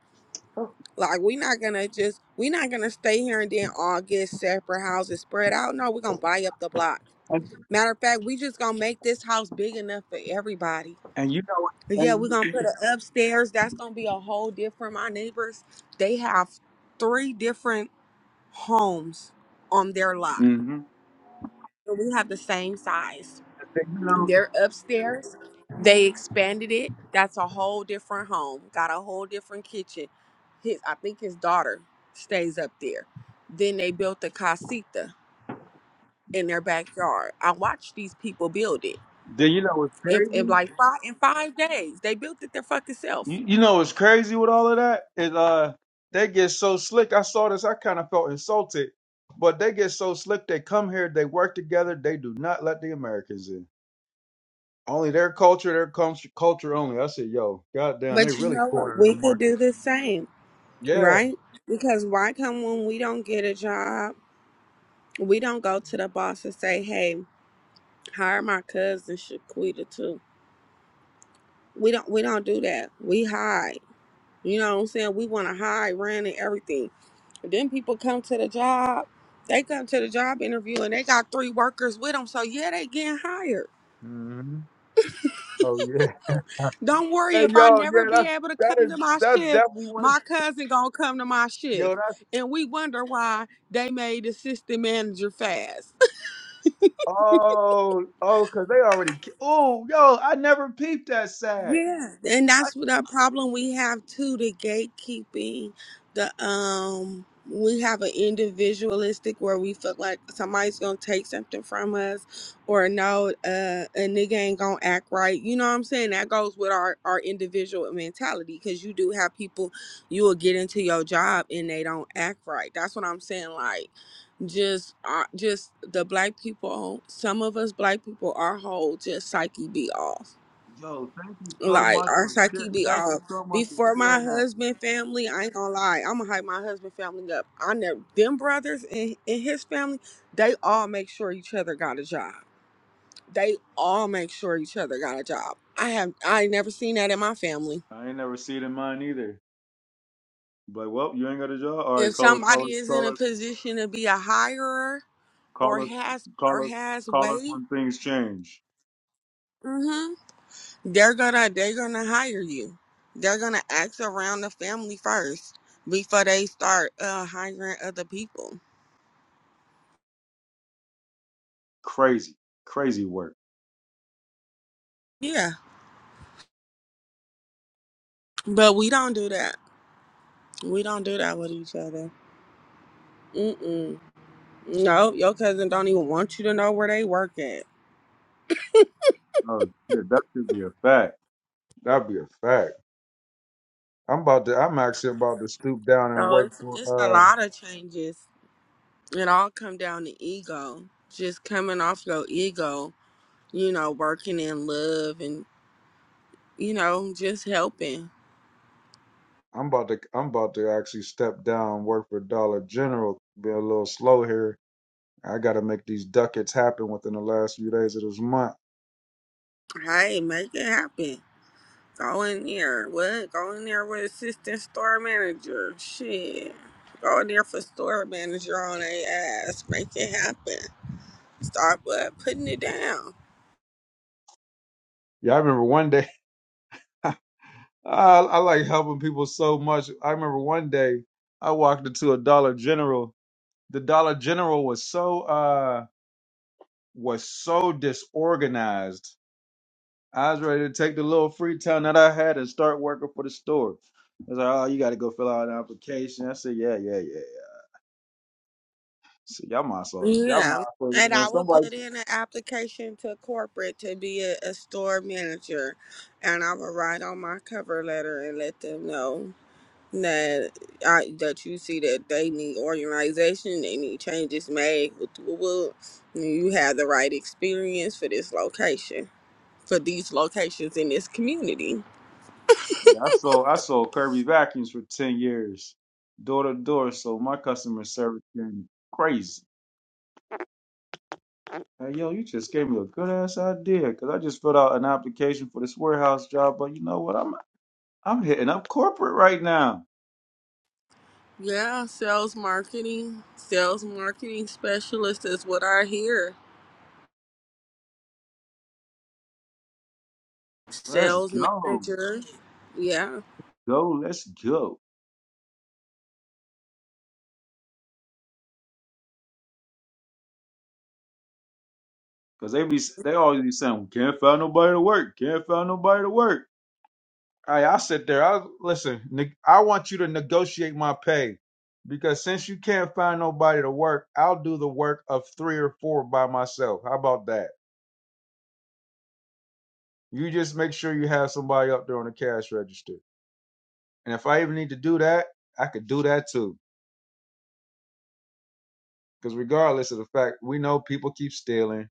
Like we're not gonna just we're not gonna stay here and then all get separate houses spread out. No, we're gonna buy up the block. And, Matter of fact, we just gonna make this house big enough for everybody and you know, Yeah, we're and, gonna put it upstairs. That's gonna be a whole different. My neighbors, they have three different homes on their lot. Mhm. and And We have the same size. you know, They're upstairs. They expanded it. That's a whole different home. Got a whole different kitchen. His, I think his daughter stays up there. Then they built the casita in their backyard. I watched these people build it. then you know what's In, in crazy? like five in five days, they built it their fucking self. You, you know what's crazy with all of that? It uh they get so slick. I saw this, I kind of felt insulted. But they get so slick, they come here, they work together, they do not let the Americans in. Only their culture, their culture, culture only. I said, yo, goddamn, they But you really know what? cornering the We could market. do the same, Yeah. right? Because why come when we don't get a job, we don't go to the boss and say, "Hey, hire my cousin Shaquita too." We don't. We don't do that. We hide. You know what I'm saying? We want to hide, run, and everything. But then people come to the job. They come to the job interview and they got three workers with them. So yeah, they getting hired. hmm Oh yeah. Don't worry Hey if I yo, never yeah, be that's able to that come is to my that's shift, definitely one. my cousin gonna come to my Yo, shift. that's And we wonder why they made the system manager fast. oh oh, cause they already. Oh yo, I never peeped that side. Yeah, and that's what our problem we have too, the gatekeeping, the um we have an individualistic where we feel like somebody's gonna take something from us or no, uh a nigga ain't gonna act right. You know what I'm saying? That goes with our, our individual mentality because you do have people you will get into your job and they don't act right. That's what I'm saying. Like just uh, just the black people some of us black people our whole just psyche be off Yo, thank you so like much our for psyche share. be Thank you off. so much for Before my sharing that. husband family, I ain't gonna lie, I'ma hype my husband family up. I know them brothers and, and his family, they all make sure each other got a job. They all make sure each other got a job. I have I ain't never seen that in my family. I ain't never seen it in mine either. But well, you ain't got a job. All right, If call us, call somebody us, call is in a us, position to be a hirer or call us, has or call us, has call us weight, when things change. hmm they're gonna they're gonna hire you. They're gonna ask around the family first before they start uh hiring other people. Crazy, crazy work. Yeah, but we don't do that. We don't do that with each other. Mm-mm. No, your cousin don't even want you to know where they work at. Oh shit, that should be a fact. That'd be a fact. I'm about to. I'm actually about to stoop down and So work it's for. it's a Uh, lot of changes. It all come down to ego. Just coming off your ego, you know, working in love and you know, just helping. I'm about to. I'm about to actually step down and work for Dollar General. Be a little slow here. I got to make these ducats happen within the last few days of this month. Hey, make it happen. Go in there. What? Go in there with assistant store manager. Shit. Go in there for store manager on a ass. Make it happen. Start but putting it down. Yeah, I remember one day. I, I like helping people so much. I remember one day I walked into a Dollar General. The Dollar General was so uh was so disorganized. I was ready to take the little free time that I had and start working for the store. I was like, "Oh, you got to go fill out an application." I said, "Yeah, yeah, yeah, yeah." So y'all might as well, y'all might Yeah. as well. And When I would somebody, put in an application to corporate to be a, a store manager. And I would write on my cover letter and let them know that I, that you see that they need organization, they need changes made. With, with, you have the right experience for this location, for these locations in this community. yeah, I sold I sold Kirby vacuums for ten years, door to door. So my customer service been crazy Hey, yo, you just gave me a good ass idea because I just filled out an application for this warehouse job. But you know what? I'm I'm hitting up corporate right now. Yeah, sales marketing, sales marketing specialist is what I hear Let's sales go, manager. Yeah. go, let's go. Because they be they always be saying can't find nobody to work, can't find nobody to work. Hey, I sit there. I listen. ne- I want you to negotiate my pay because since you can't find nobody to work, I'll do the work of three or four by myself. How about that? You just make sure you have somebody up there on the cash register. And if I even need to do that, I could do that too. Because regardless of the fact, we know people keep stealing.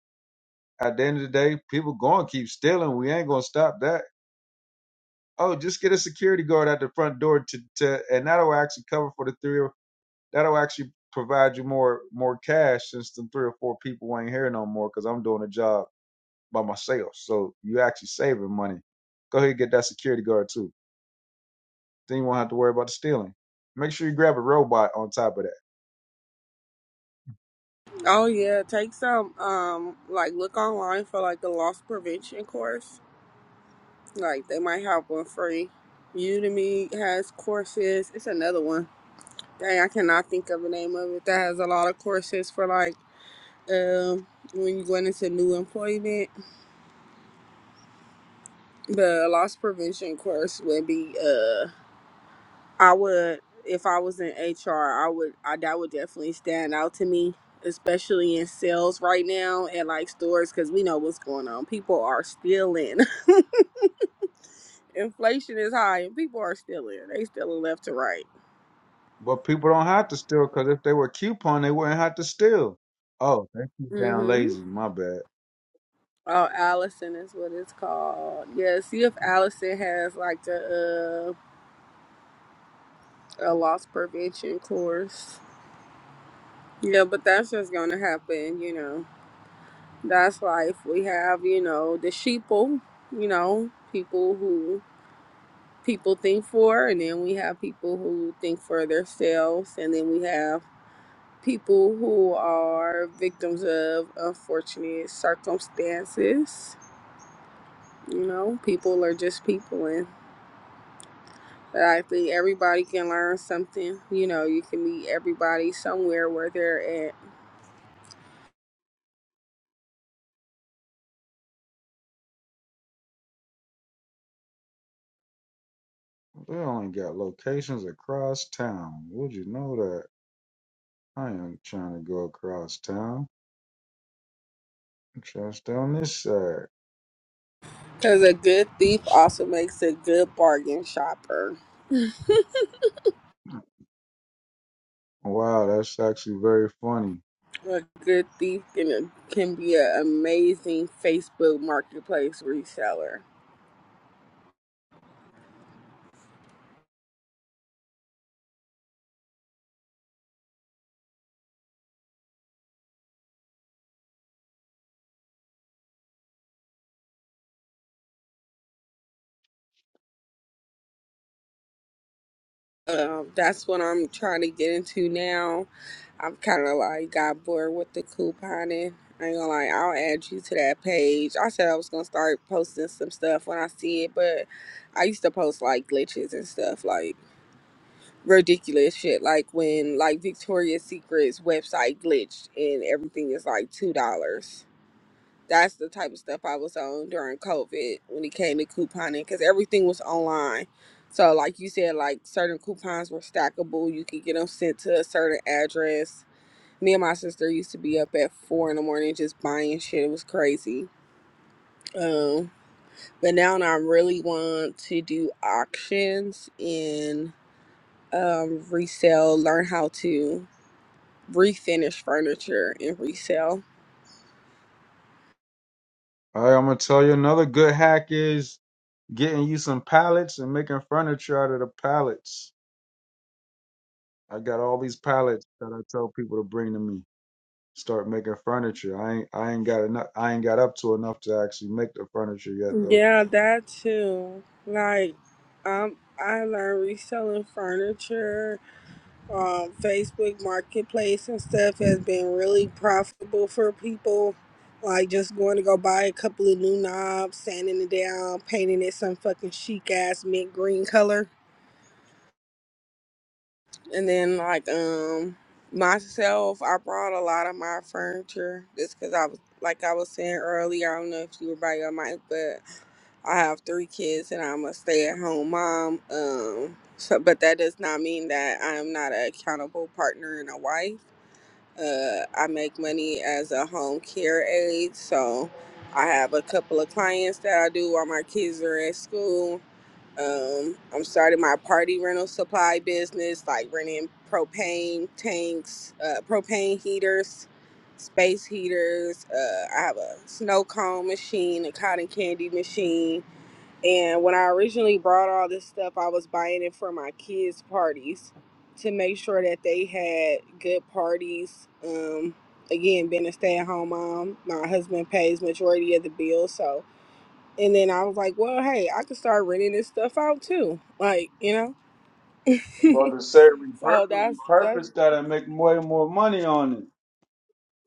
At the end of the day, people going to keep stealing. We ain't going to stop that. Oh, just get a security guard at the front door to, to and that'll actually cover for the three or that'll actually provide you more more cash since the three or four people ain't here no more because I'm doing a job by myself. So you actually saving money. Go ahead and get that security guard too. Then you won't have to worry about the stealing. Make sure you grab a robot on top of that Oh yeah. Take some um like look online for like the loss prevention course. Like they might have one free. Udemy has courses. It's another one. Dang, I cannot think of the name of it. That has a lot of courses for like um when you going into new employment. The loss prevention course would be uh, I would, if I was in HR, I would, I that would definitely stand out to me, especially in sales right now and like stores, because we know what's going on. People are stealing. Inflation is high, and people are stealing. They stealing left to right. But people don't have to steal because if they were coupon, they wouldn't have to steal. Oh, they keep down Mm-hmm. lazy. My bad. Oh, Allison is what it's called. Yeah. See if Allison has like the uh, a loss prevention course. Yeah, but that's just gonna happen, you know. That's life. We have, you know, the sheeple, you know, people who people think for, and then we have people who think for themselves, and then we have people who are victims of unfortunate circumstances. You know, people are just people, and but I think everybody can learn something. You know, you can meet everybody somewhere where they're at. They only got locations across town. Would you know that? I ain't trying to go across town. I'm just on this side. Because a good thief also makes a good bargain shopper. Wow, that's actually very funny. A good thief can, can be an amazing Facebook marketplace reseller. Um, that's what I'm trying to get into now. I've kind of like got bored with the couponing. I ain't gonna lie, I'll add you to that page. I said I was gonna start posting some stuff when I see it, but I used to post like glitches and stuff, like ridiculous shit, like when like Victoria's Secret's website glitched and everything is like two dollars. That's the type of stuff I was on during COVID when it came to couponing because everything was online. So, like you said, like certain coupons were stackable. You could get them sent to a certain address. Me and my sister used to be up at four in the morning just buying shit. It was crazy. Um, but now I really want to do auctions and um, resell, learn how to refinish furniture and resell. All right, I'm gonna tell you another good hack is getting you some pallets and making furniture out of the pallets. I got all these pallets that I tell people to bring to me. start making furniture. I ain't I ain't got enough I ain't got up to enough to actually make the furniture yet though. Yeah, that too. Like, um, I learned reselling furniture on Facebook Marketplace and stuff has been really profitable for people. Like, just going to go buy a couple of new knobs, sanding it down, painting it some fucking chic ass mint green color. And then like um myself, I brought a lot of my furniture just because I was like I was saying earlier. I don't know if you were by your mic, but I have three kids and I'm a stay-at-home mom. Um, so but that does not mean that I am not an accountable partner and a wife. Uh, I make money as a home care aide, so I have a couple of clients that I do while my kids are at school um, I'm starting my party rental supply business, like renting propane tanks, uh, propane heaters, space heaters. Uh, I have a snow cone machine, a cotton candy machine. And when I originally brought all this stuff, I was buying it for my kids' parties to make sure that they had good parties. Um, again, being a stay-at-home mom, my husband pays majority of the bills, so and then I was like, well, hey, I could start renting this stuff out too. Like, you know? i about to say so repurpose that's, that's, repurpose that and make way more money on it.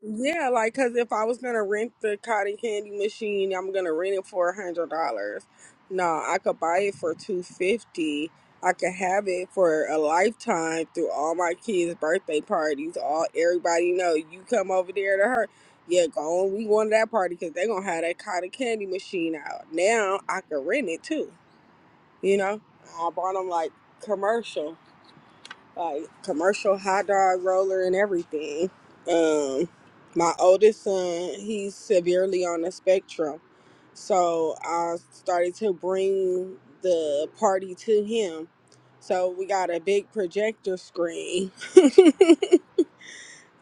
yeah, like, cause if I was gonna rent the cotton candy machine, I'm gonna rent it for a hundred dollars. No, I could buy it for two fifty. I could have it for a lifetime through all my kids' birthday parties. All everybody know you come over there to her. Yeah, go on. We going to that party because they're gonna have that cotton candy machine out. Now I could rent it too. You know, I bought them like commercial, like commercial hot dog roller and everything. Um, my oldest son, he's severely on the spectrum, so I started to bring the party to him. So we got a big projector screen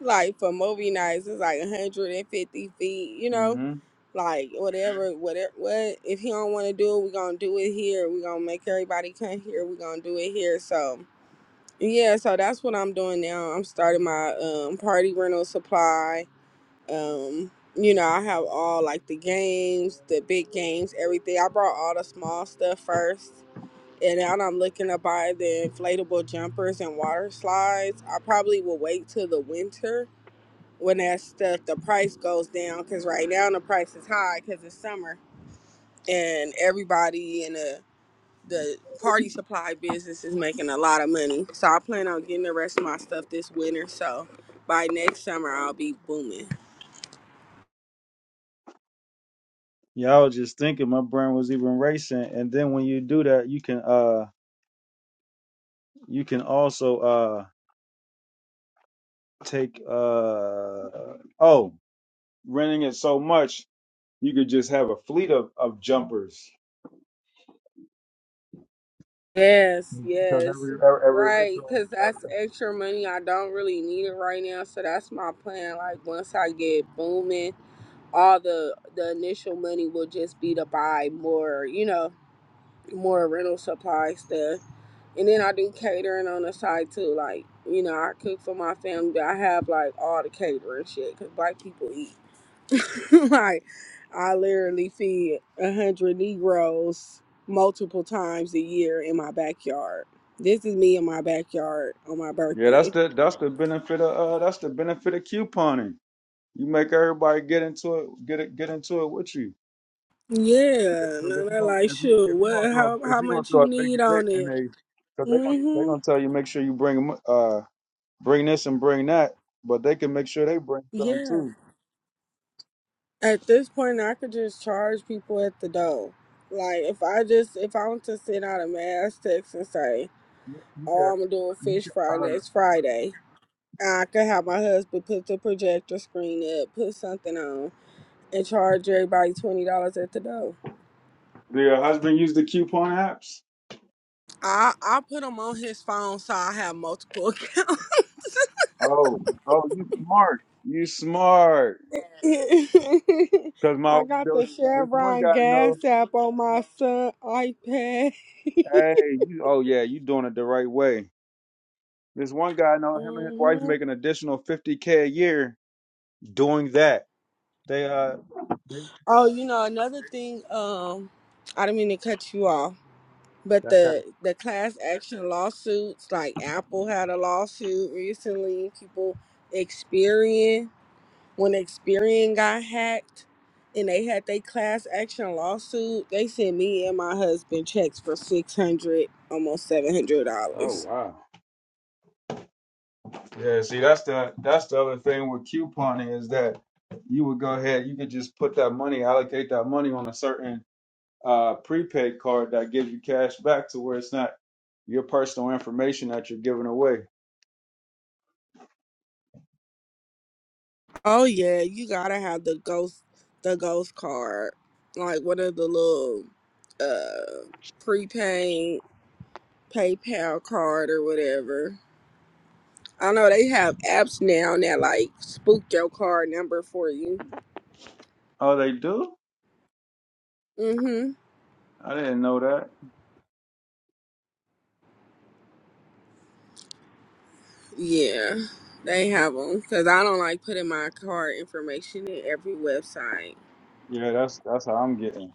like for movie nights it's like 150 feet you know hmm like whatever whatever what if he don't want to do it we're gonna do it here we're gonna make everybody come here we're gonna do it here so yeah so that's what i'm doing now i'm starting my um party rental supply um you know i have all like the games the big games everything i brought all the small stuff first and now I'm looking to buy the inflatable jumpers and water slides. I probably will wait till the winter when that stuff the price goes down because right now the price is high because it's summer and everybody in the the party supply business is making a lot of money so i plan on getting the rest of my stuff this winter so by next summer i'll be booming Yeah, I was just thinking my brain was even racing. And then when you do that you can uh you can also uh take uh oh renting it so much you could just have a fleet of, of jumpers. yes Because yes every every every right ritual because that's every... extra money i don't really need it right now so that's my plan like once i get booming all the the initial money will just be to buy more you know more rental supply stuff And then I do catering on the side too. Like, you know, I cook for my family, but I have like all the catering shit because black people eat. like, I literally feed a hundred Negroes multiple times a year in my backyard. This is me in my backyard on my Yeah, that's birthday. the that's the benefit of uh that's the benefit of couponing. You make everybody get into it, get it, get into it with you. Yeah, and Because if you they're gonna like, if you sure, if you gonna what? throw How if how you gonna much throw a you big need event on and it? they Cause they gonna they Mm-hmm. gonna tell you make sure you bring 'em, uh bring this and bring that, but they can make sure they bring something Yeah. too. At this point, I could just charge people at the door. Like if I just if I want to send out a mass text and say, you "Oh, can I'm gonna do a you fish fry can uh, next Friday," I could have my husband put the projector screen up, put something on, and charge everybody twenty dollars at the door. Do your husband use the coupon apps? I I put them on his phone so I have multiple accounts. oh oh you smart You smart. because my I got there- the was this one Chevron guy I gas know app on my son iPad. Hey, you. Oh yeah, you doing it the right way. This one guy, I know him and his hmm wife make an additional fifty k a year doing that. They uh, they, Oh, you know, another thing, um, I don't mean to cut you off, but that's that. the the class action lawsuits, like Apple had a lawsuit recently, people Experian, when Experian got hacked and they had their class action lawsuit, they sent me and my husband checks for six hundred, almost seven hundred Oh dollars. wow. Yeah. See, that's the that's the other thing with couponing is that you would go ahead, you could just put that money, allocate that money on a certain uh prepaid card that gives you cash back to where it's not your personal information that you're giving away. Oh yeah, you gotta have the ghost the ghost card. Like what are the little uh prepaid PayPal card or whatever. I know they have apps now that like spook your card number for you. Oh, they do? Mm-hmm. I didn't know that. Yeah, they have them because I don't like putting my card information in every website. Yeah, that's that's how I'm getting.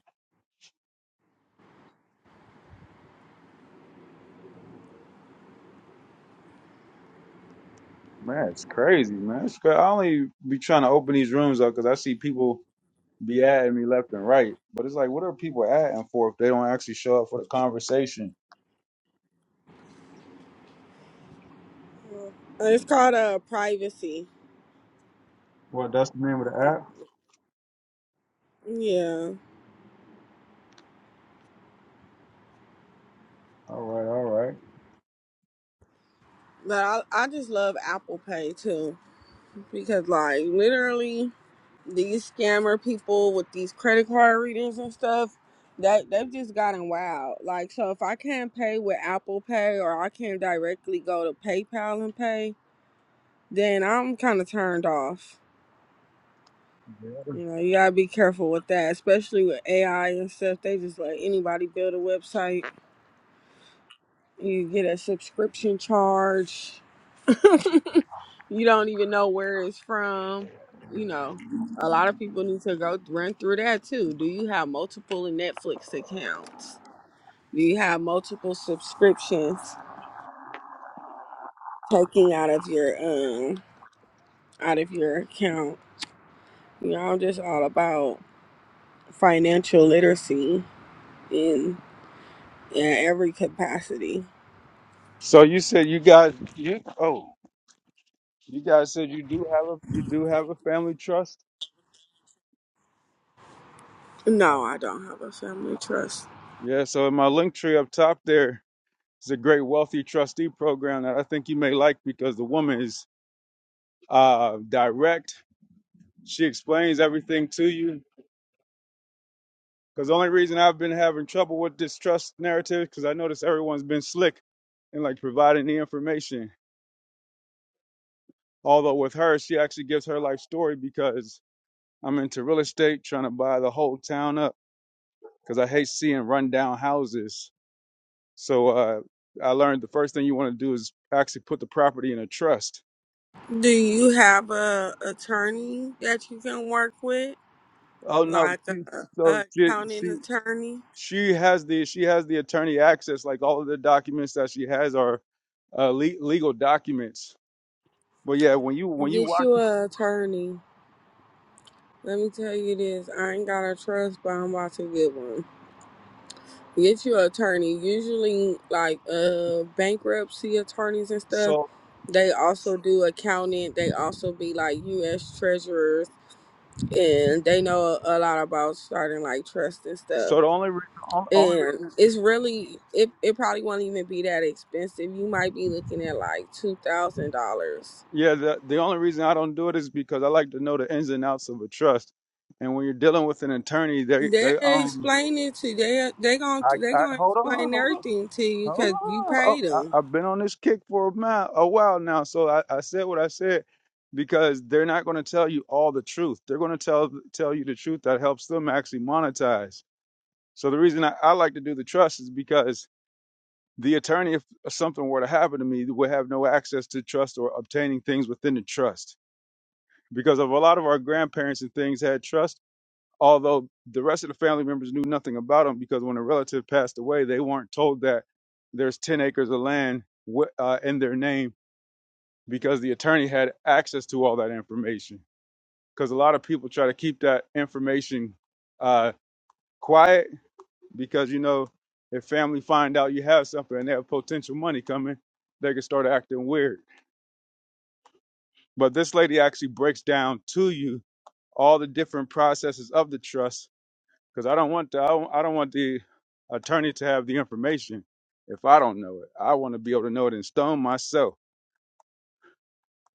Man, it's crazy, man. It's cra I only be trying to open these rooms up because I see people be adding me left and right. But it's like, what are people adding for if they don't actually show up for the conversation? Yeah. It's called uh privacy. Well, that's the name of the app. Yeah, All right, all right. but I I just love Apple Pay too. because like literally these scammer people with these credit card readers and stuff that they've just gotten wild like so if i can't pay with apple pay or i can't directly go to paypal and pay then i'm kind of turned off Yeah. you know you gotta be careful with that especially with ai and stuff they just let anybody build a website you get a subscription charge you don't even know where it's from. You know, a lot of people need to go run through that too. Do you have multiple Netflix accounts? Do you have multiple subscriptions taking out of your um out of your account? You know, I'm just all about financial literacy in in every capacity. So you said you guys, you, oh, you guys said you do have a you do have a family trust. Oh, No, I don't have a family trust. Yeah. So in my link tree up top there is a great wealthy trustee program that I think you may like because the woman is uh, direct. She explains everything to you. Because the only reason I've been having trouble with this trust narrative, because I notice everyone's been slick in like providing the information. Although with her, she actually gives her life story because I'm into real estate, trying to buy the whole town up. Because I hate seeing rundown houses. So uh, I learned the first thing you want to do is actually put the property in a trust. Do you have a attorney that you can work with? Oh no, like she, a, so a she, accounting she attorney. she has the she has the attorney access. Like all of the documents that she has are uh, le- legal documents But yeah, when you when you Get watch you it, a attorney. Let me tell you this: I ain't got a trust, but I'm about to get one. Get you an attorney. Usually, like uh, bankruptcy attorneys and stuff, so they also do accounting. They also be like U.S. treasurers, and they know a, a lot about starting like trust and stuff. so the only reason, on- only And reason, it's really it. It probably won't even be that expensive. You might be looking at like two thousand dollars yeah, the the only reason I don't do it is because I like to know the ins and outs of a trust. And when you're dealing with an attorney, they They they um, explain it to you. They they going I, they I gonna hold on, explain hold on. everything to you Hold because you on. Oh, paid them. I, I've been on this kick for a, mile, a while now, so I, I said what I said because they're not going to tell you all the truth. They're going to tell tell you the truth that helps them actually monetize. So the reason I, I like to do the trust is because The attorney, if something were to happen to me, would have no access to trust or obtaining things within the trust because of a lot of our grandparents and things had trust, although the rest of the family members knew nothing about them because when a relative passed away, they weren't told that there's 10 acres of land wi- uh, in their name because the attorney had access to all that information. Because a lot of people try to keep that information uh, quiet because you know if family find out you have something and they have potential money coming they can start acting weird but this lady actually breaks down to you all the different processes of the trust because i don't want the, I, don't, I don't want the attorney to have the information if i don't know it i want to be able to know it in stone myself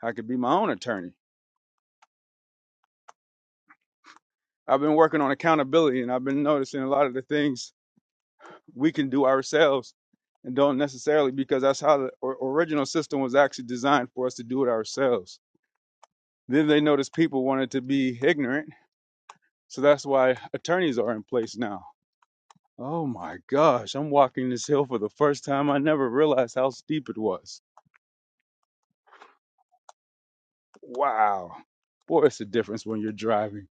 i could be my own attorney i've been working on accountability and i've been noticing a lot of the things we can do ourselves and don't necessarily because that's how the or, original system was actually designed for us to do it ourselves. Then they noticed people wanted to be ignorant, so that's why attorneys are in place now. Oh my gosh, I'm walking this hill for the first time. I never realized how steep it was. Wow. Boy, it's a difference when you're driving.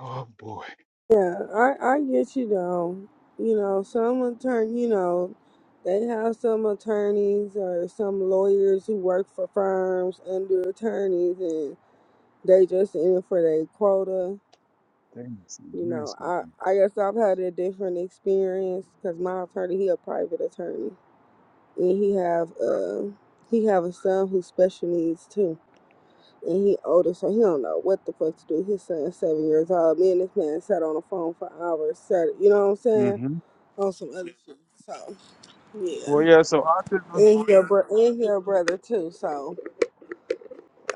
Oh boy. Yeah, I I get you though. You know, some attorney, you know, they have some attorneys or some lawyers who work for firms under attorneys, and they just in it for their quota. Things You and know, I landscaping. I guess I've had a different experience because my attorney he a private attorney, and he have uh he have a son who special needs too. and he older, so he don't know what the fuck to do. His son's seven years old. Me and this man sat on the phone for hours. Sat, you know what I'm saying? Mm-hmm. On some other shit. So yeah, Well, yeah, so autism, and your bro- and your brother too. So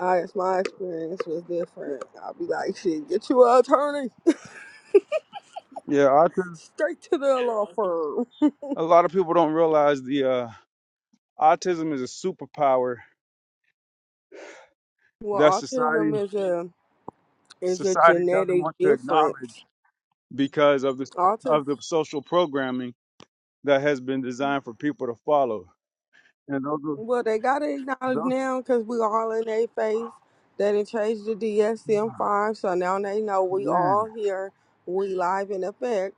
I guess my experience was different. I'll be like, shit, get you an attorney yeah, autism. straight to the law firm. A lot of people don't realize the uh, autism is a superpower Well, that autism society is a is a society doesn't genetic want to difference. acknowledge because of the Autism. of the social programming that has been designed for people to follow. And those are Well, they got to acknowledge those now because we all in their face. They done changed the DSM-5, so now they know we man. all here. We live in effect.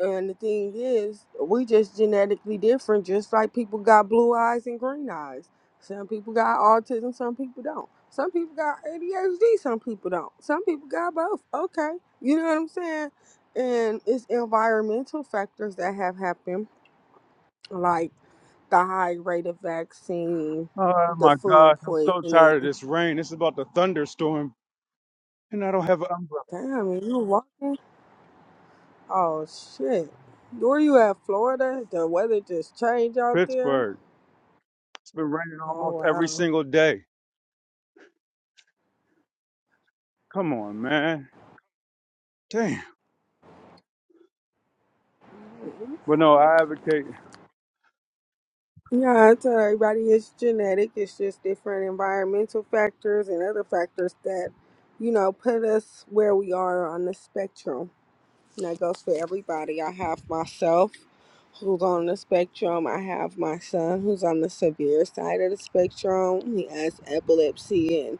And the thing is, we just genetically different, just like people got blue eyes and green eyes. Some people got autism, some people don't. Some people got ADHD, some people don't. Some people got both. Okay. You know what I'm saying? And it's environmental factors that have happened like the high rate of vaccine, Oh the my food gosh, I'm so tired of poisoning. this rain. This is about to thunderstorm and I don't have an umbrella. Damn, are you walking? Oh shit. Where you at, Florida? The weather just changed out there? Pittsburgh. It's been raining almost Oh every wow. single day. Come on, man. Damn. But no, I advocate Yeah, I tell everybody it's genetic, it's just different environmental factors and other factors that, you know, put us where we are on the spectrum. And that goes for everybody. I have myself, who's on the spectrum. I have my son, who's on the severe side of the spectrum. He has epilepsy and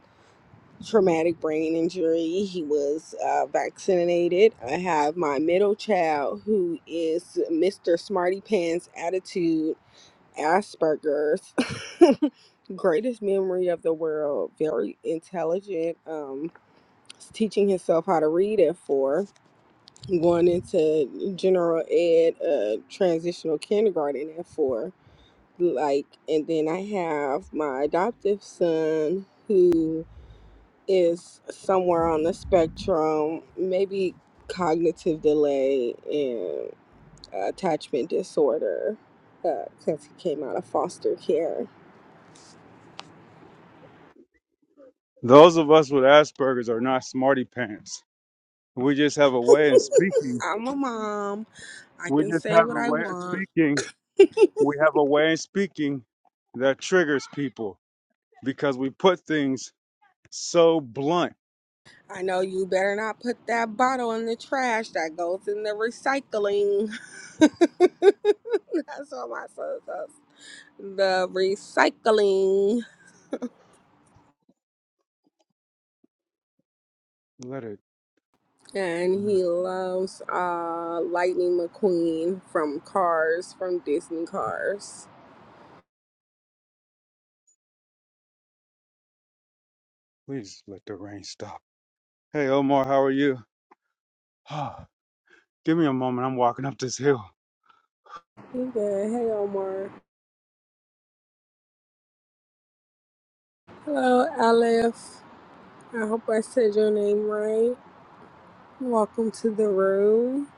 traumatic brain injury. He was uh, vaccinated. I have my middle child, who is Mr. Smarty Pants Attitude Asperger's. Greatest memory of the world, very intelligent, um, teaching himself how to read at four going into general ed, uh, transitional kindergarten at four. Like, and then I have my adoptive son who is somewhere on the spectrum, maybe cognitive delay and attachment disorder because he came out of foster care. those of us with Asperger's are not smarty pants. We just have a way of speaking. I'm a mom. I We can just say have what a I way of want. speaking we have a way of speaking that triggers people because we put things so blunt. I know you better not put that bottle in the trash that goes in the recycling. That's what my son does. The recycling. Let it, And he loves uh, Lightning McQueen from Cars, from Disney Cars. please let the rain stop. Hey, Omar, how are you? Give me a moment. I'm walking up this hill. He good. Hey, Omar. Hello, Aleph. I hope I said your name right. Welcome to the room.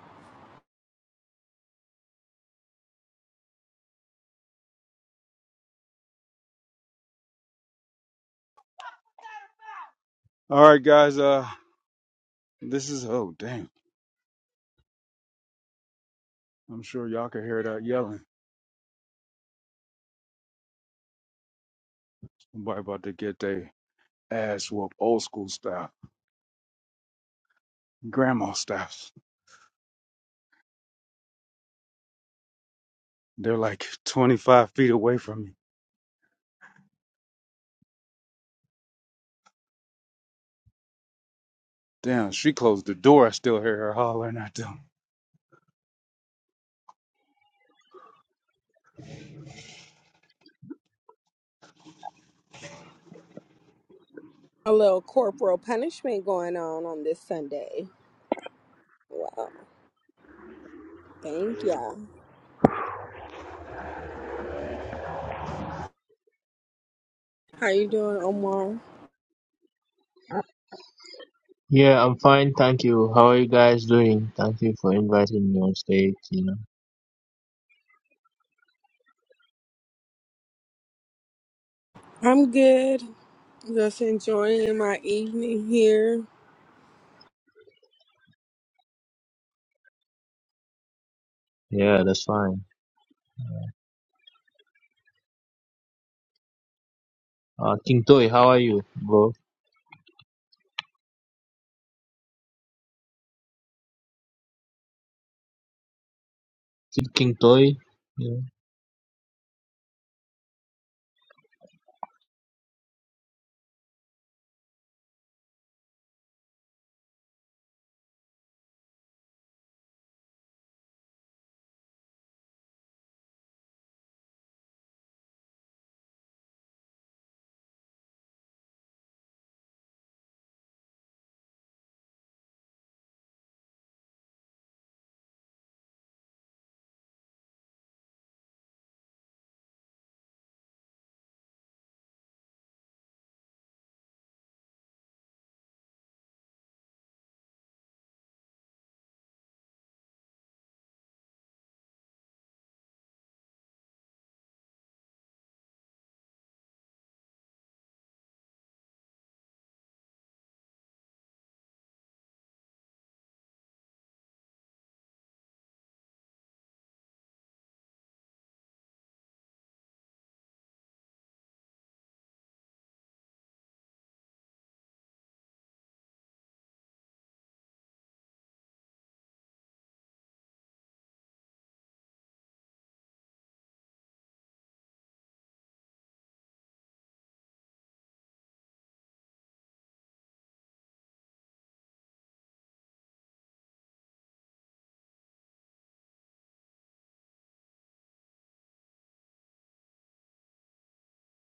All right, guys. Uh, this is oh damn. I'm sure y'all can hear that yelling. Somebody about to get their ass whooped, old school style, grandma style. They're like 25 feet away from me. Damn, she closed the door. I still hear her hollering at them. A little corporal punishment going on on this Sunday. Wow. Thank ya. How you doing, Omar? Yeah, I'm fine, thank you. How are you guys doing? Thank you for inviting me on stage, you know. I'm good. Just enjoying my evening here. Yeah, that's fine. Uh King Toy, how are you, bro? Is it King Toy? Yeah.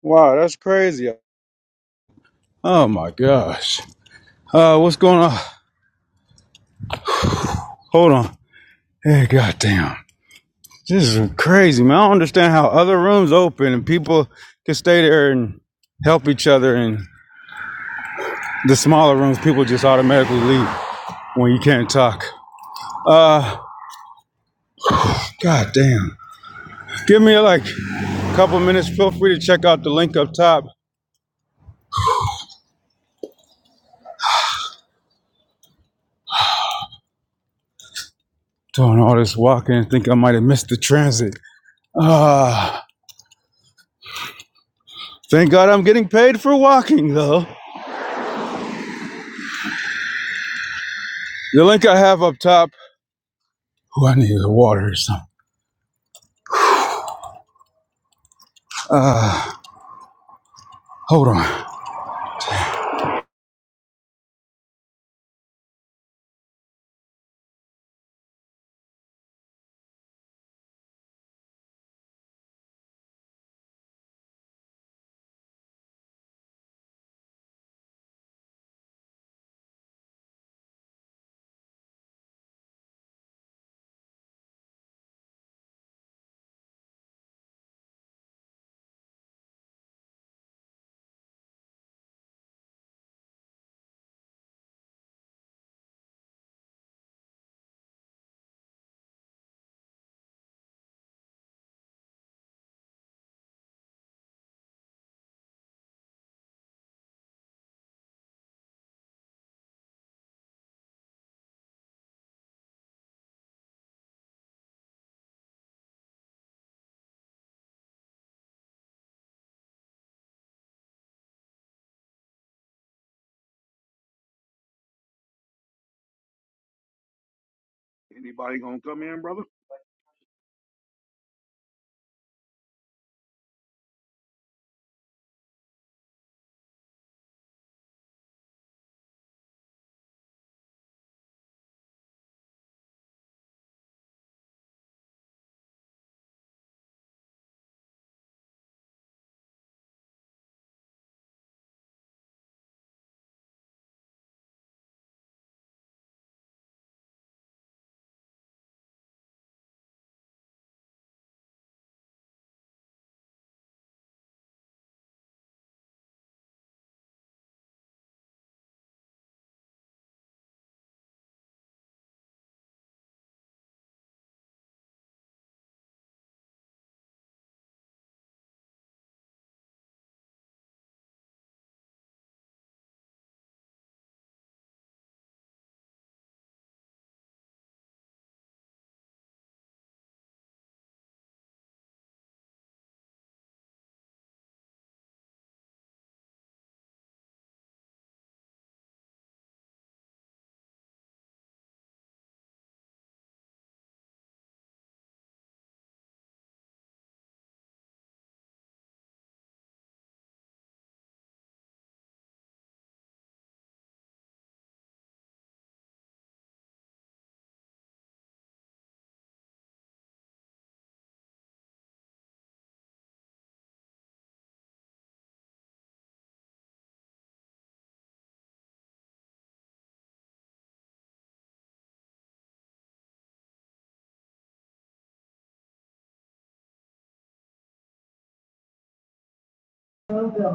Wow, that's crazy. Oh my gosh. Uh, what's going on? Hold on. Hey, goddamn. This is crazy, man. I don't understand how other rooms open and people can stay there and help each other. And the smaller rooms, people just automatically leave when you can't talk. Uh, goddamn. Give me like a couple minutes. Feel free to check out the link up top. Doing all this walking and think I might have missed the transit. Ah, thank God I'm getting paid for walking though. The link I have up top. Oh, I need water or something. Ah, hold on. Anybody gonna come in, brother?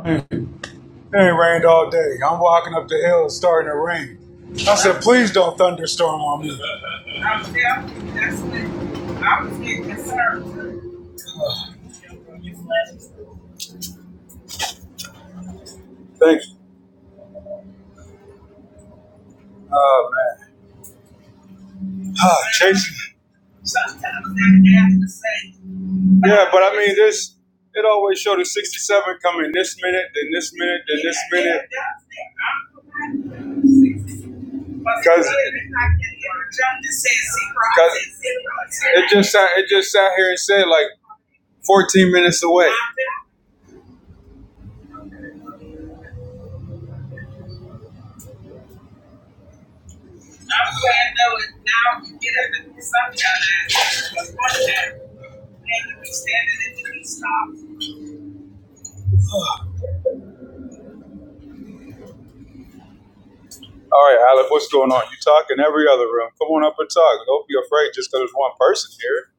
It ain't rained all day. I'm walking up the hill. It's starting to rain. I said, please don't thunderstorm on me. I'm I was getting concerned. Thank you. Uh, man. Ah, Jason. Sometimes that half the same. Yeah, but I mean, this it always showed the 67 coming this minute, then this minute, then this minute. Because it just sat, it just sat here and said like 14 minutes away. I'm glad though, and now you get up and sometimes. And you be standing in the stop. All right, Alec, what's going on? You talk in every other room. Come on up and talk. Don't be afraid just because there's one person here.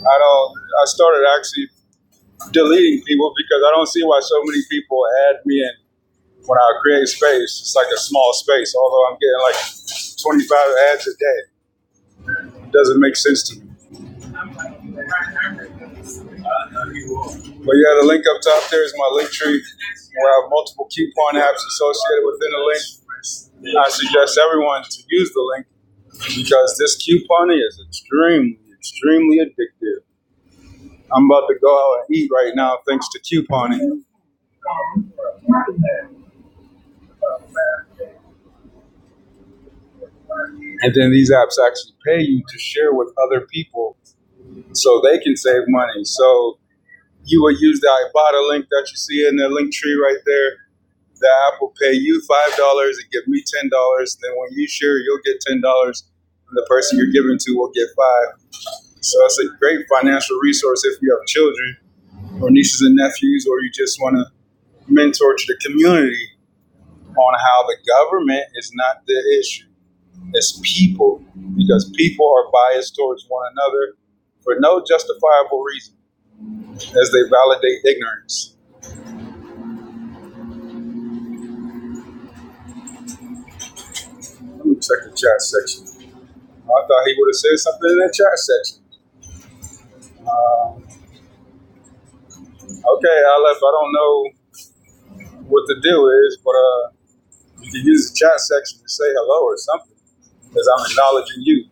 I don't. I started actually deleting people because I don't see why so many people add me in when I create space. It's like a small space. Although I'm getting like 25 ads a day, it doesn't make sense to me. But yeah, the link up top there is my link tree where I have multiple coupon apps associated within the link. I suggest everyone to use the link because this couponing is extremely, extremely addictive. I'm about to go out and eat right now thanks to couponing. And then these apps actually pay you to share with other people so they can save money. So you would use the Ibotta link that you see in the link tree right there. The app will pay you $5 and give me $10. Then when you share, you'll get $10. And the person you're giving to will get 5 dollars. So it's a great financial resource if you have children or nieces and nephews or you just want to mentor to the community on how the government is not the issue. It's people, because people are biased towards one another for no justifiable reason as they validate ignorance. Let me check the chat section. Oh, I thought he would have said something in that chat section. Um, okay, Aleph, I don't know what the deal is, but uh, you can use the chat section to say hello or something, because I'm acknowledging you.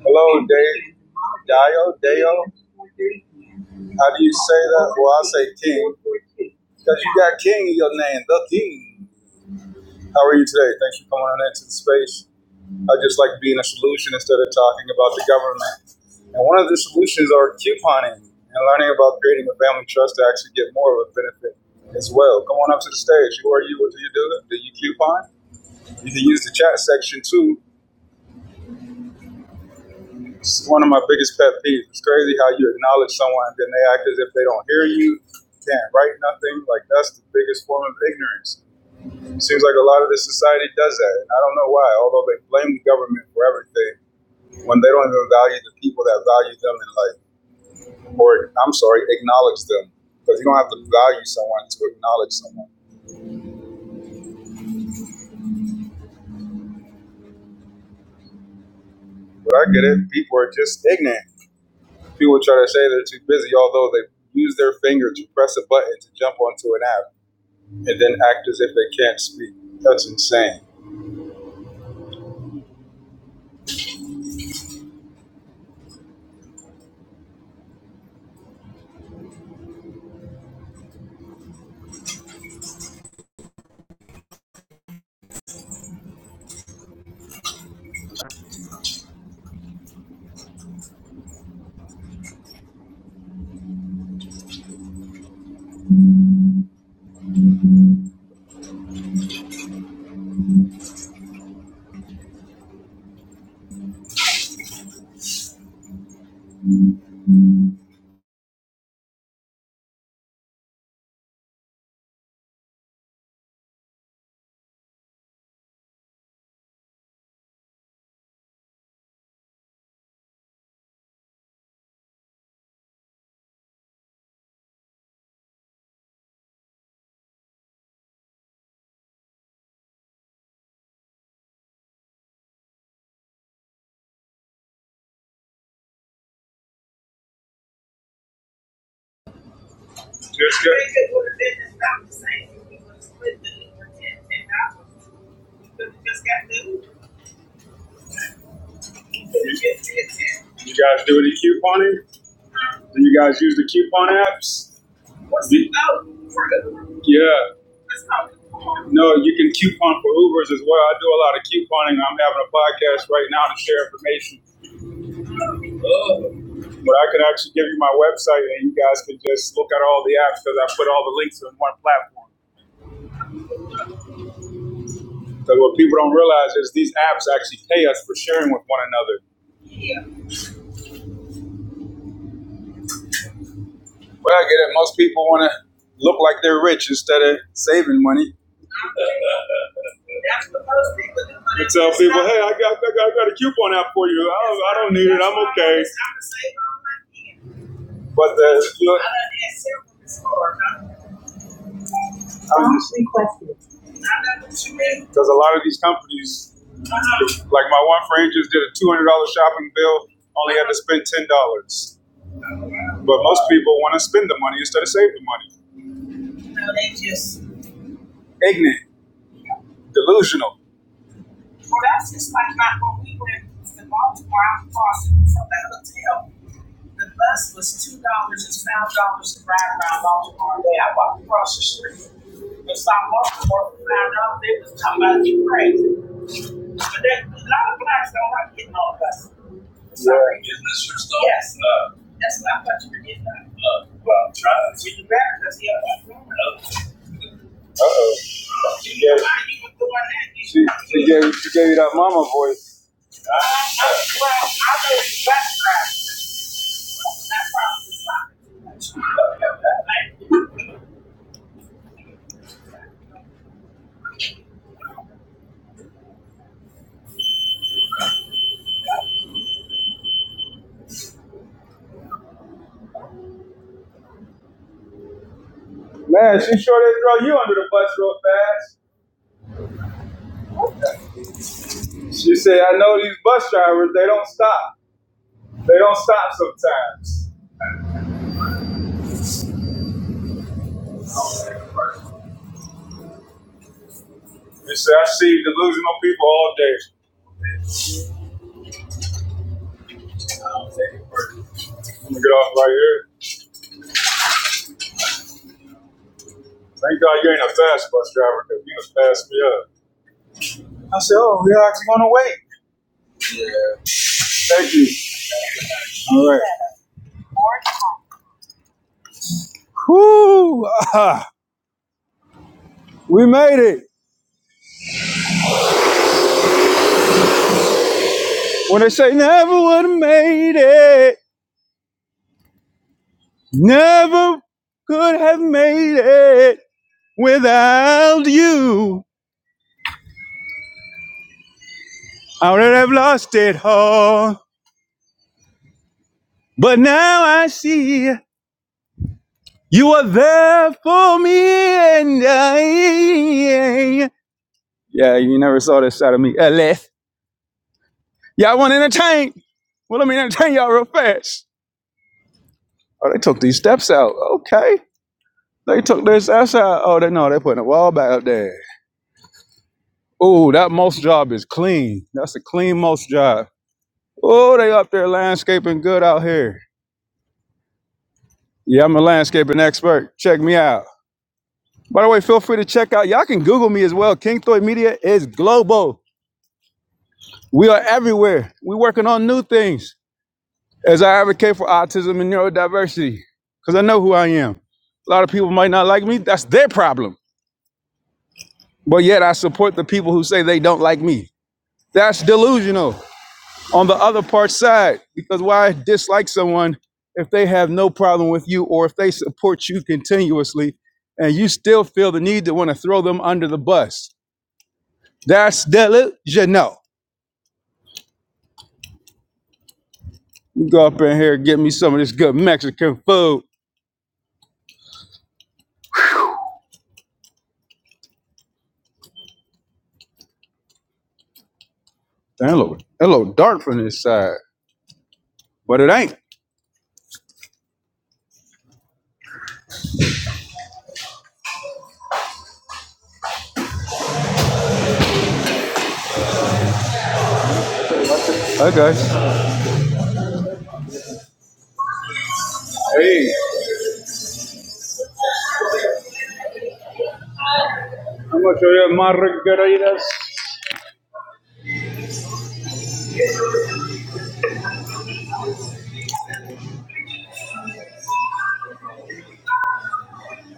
Hello, Dave. Dio, Deo. How do you say that? Well, I say King because you got King in your name, the King. How are you today? Thanks for coming on into the space. I just like being a solution instead of talking about the government. And one of the solutions are couponing and learning about creating a family trust to actually get more of a benefit as well. Come on up to the stage. Who are you? What do you do? Do you coupon? You can use the chat section too It's one of my biggest pet peeves. It's crazy how you acknowledge someone and then they act as if they don't hear you, can't write nothing. Like that's the biggest form of ignorance. It Seems like a lot of this society does that, and I don't know why. Although they blame the government for everything, when they don't even value the people that value them and like, or I'm sorry, acknowledge them, because you don't have to value someone to acknowledge someone. But I get it. People are just ignorant. People try to say they're too busy, although they use their finger to press a button to jump onto an app and then act as if they can't speak. That's insane. Just You guys do any couponing? Do you guys use the coupon apps? What's the coupon? Yeah. No, you can coupon for Ubers as well. I do a lot of couponing. I'm having a podcast right now to share information But I could actually give you my website and you guys can just look at all the apps because I put all the links in one platform. Because what people don't realize is these apps actually pay us for sharing with one another. Yeah. Well, I get it. Most people want to look like they're rich instead of saving money. That's what most people do. You tell people, hey, I got, I got, I got a coupon app for you. I don't, I don't need it. I'm okay. But the, Look, Honestly question. Because a lot of these companies, like my one friend just did a two hundred dollar shopping bill, only had to spend ten dollars. But most people want to spend the money instead of save the money. No, they just. Ignorant, delusional. Well, that's just like, like when we went to Baltimore, I was crossing from the hotel. The bus was two dollars and five dollars to ride around Baltimore all day. I walked across the street. If I walked for five dollars, they was talking about you crazy. But that, a lot of blacks don't like getting on buses. Sorry. Isn't this your stuff? Yes. No. That's not what you were getting on. No. Well, I'm trying to. You better, because he had a woman. She gave, you were doing that? You she, should not she gave, you that mama voice. Uh, I well, I know these black drivers. That's probably not. Man, she sure did throw you under the bus real fast. She said, I know these bus drivers, they don't stop. They don't stop sometimes. She said, I see delusional people all day. I'm gonna get off right here. Thank God you ain't a fast bus driver because you just passed me up. I said, Oh, we are actually gonna wait. Yeah. Thank you. All right. Whoo! Ah, we made it. When they say never would have made it, never could have made it. Without you, I would have lost it all. But now I see you are there for me, and I. Yeah, you never saw this side of me, unless y'all want to entertain. Well, let me entertain y'all real fast. Oh, they took these steps out. Okay, they took their steps out. Oh, they no, they putting a wall back up there. Oh, that most job is clean. That's a clean most job. Oh, they up there landscaping good out here. Yeah, I'm a landscaping expert. Check me out. By the way, feel free to check out. Y'all can Google me as well. King Thoy Media is global. We are everywhere. We're working on new things as I advocate for autism and neurodiversity because I know who I am. A lot of people might not like me. That's their problem. But yet I support the people who say they don't like me. That's delusional. on the other part's side. Because why dislike someone if they have no problem with you or if they support you continuously and you still feel the need to want to throw them under the bus? That's delusional. You go up in here and get me some of this good Mexican food. Damn, hello, little dark from this side, but it ain't. Hi, guys. Hey, how much are your margaritas?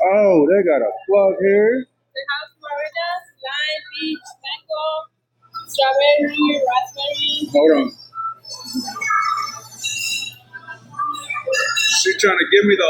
Oh, they got a plug here. The house Florida, lime, peach, mango, strawberry, raspberry. Hold on. She trying to give me the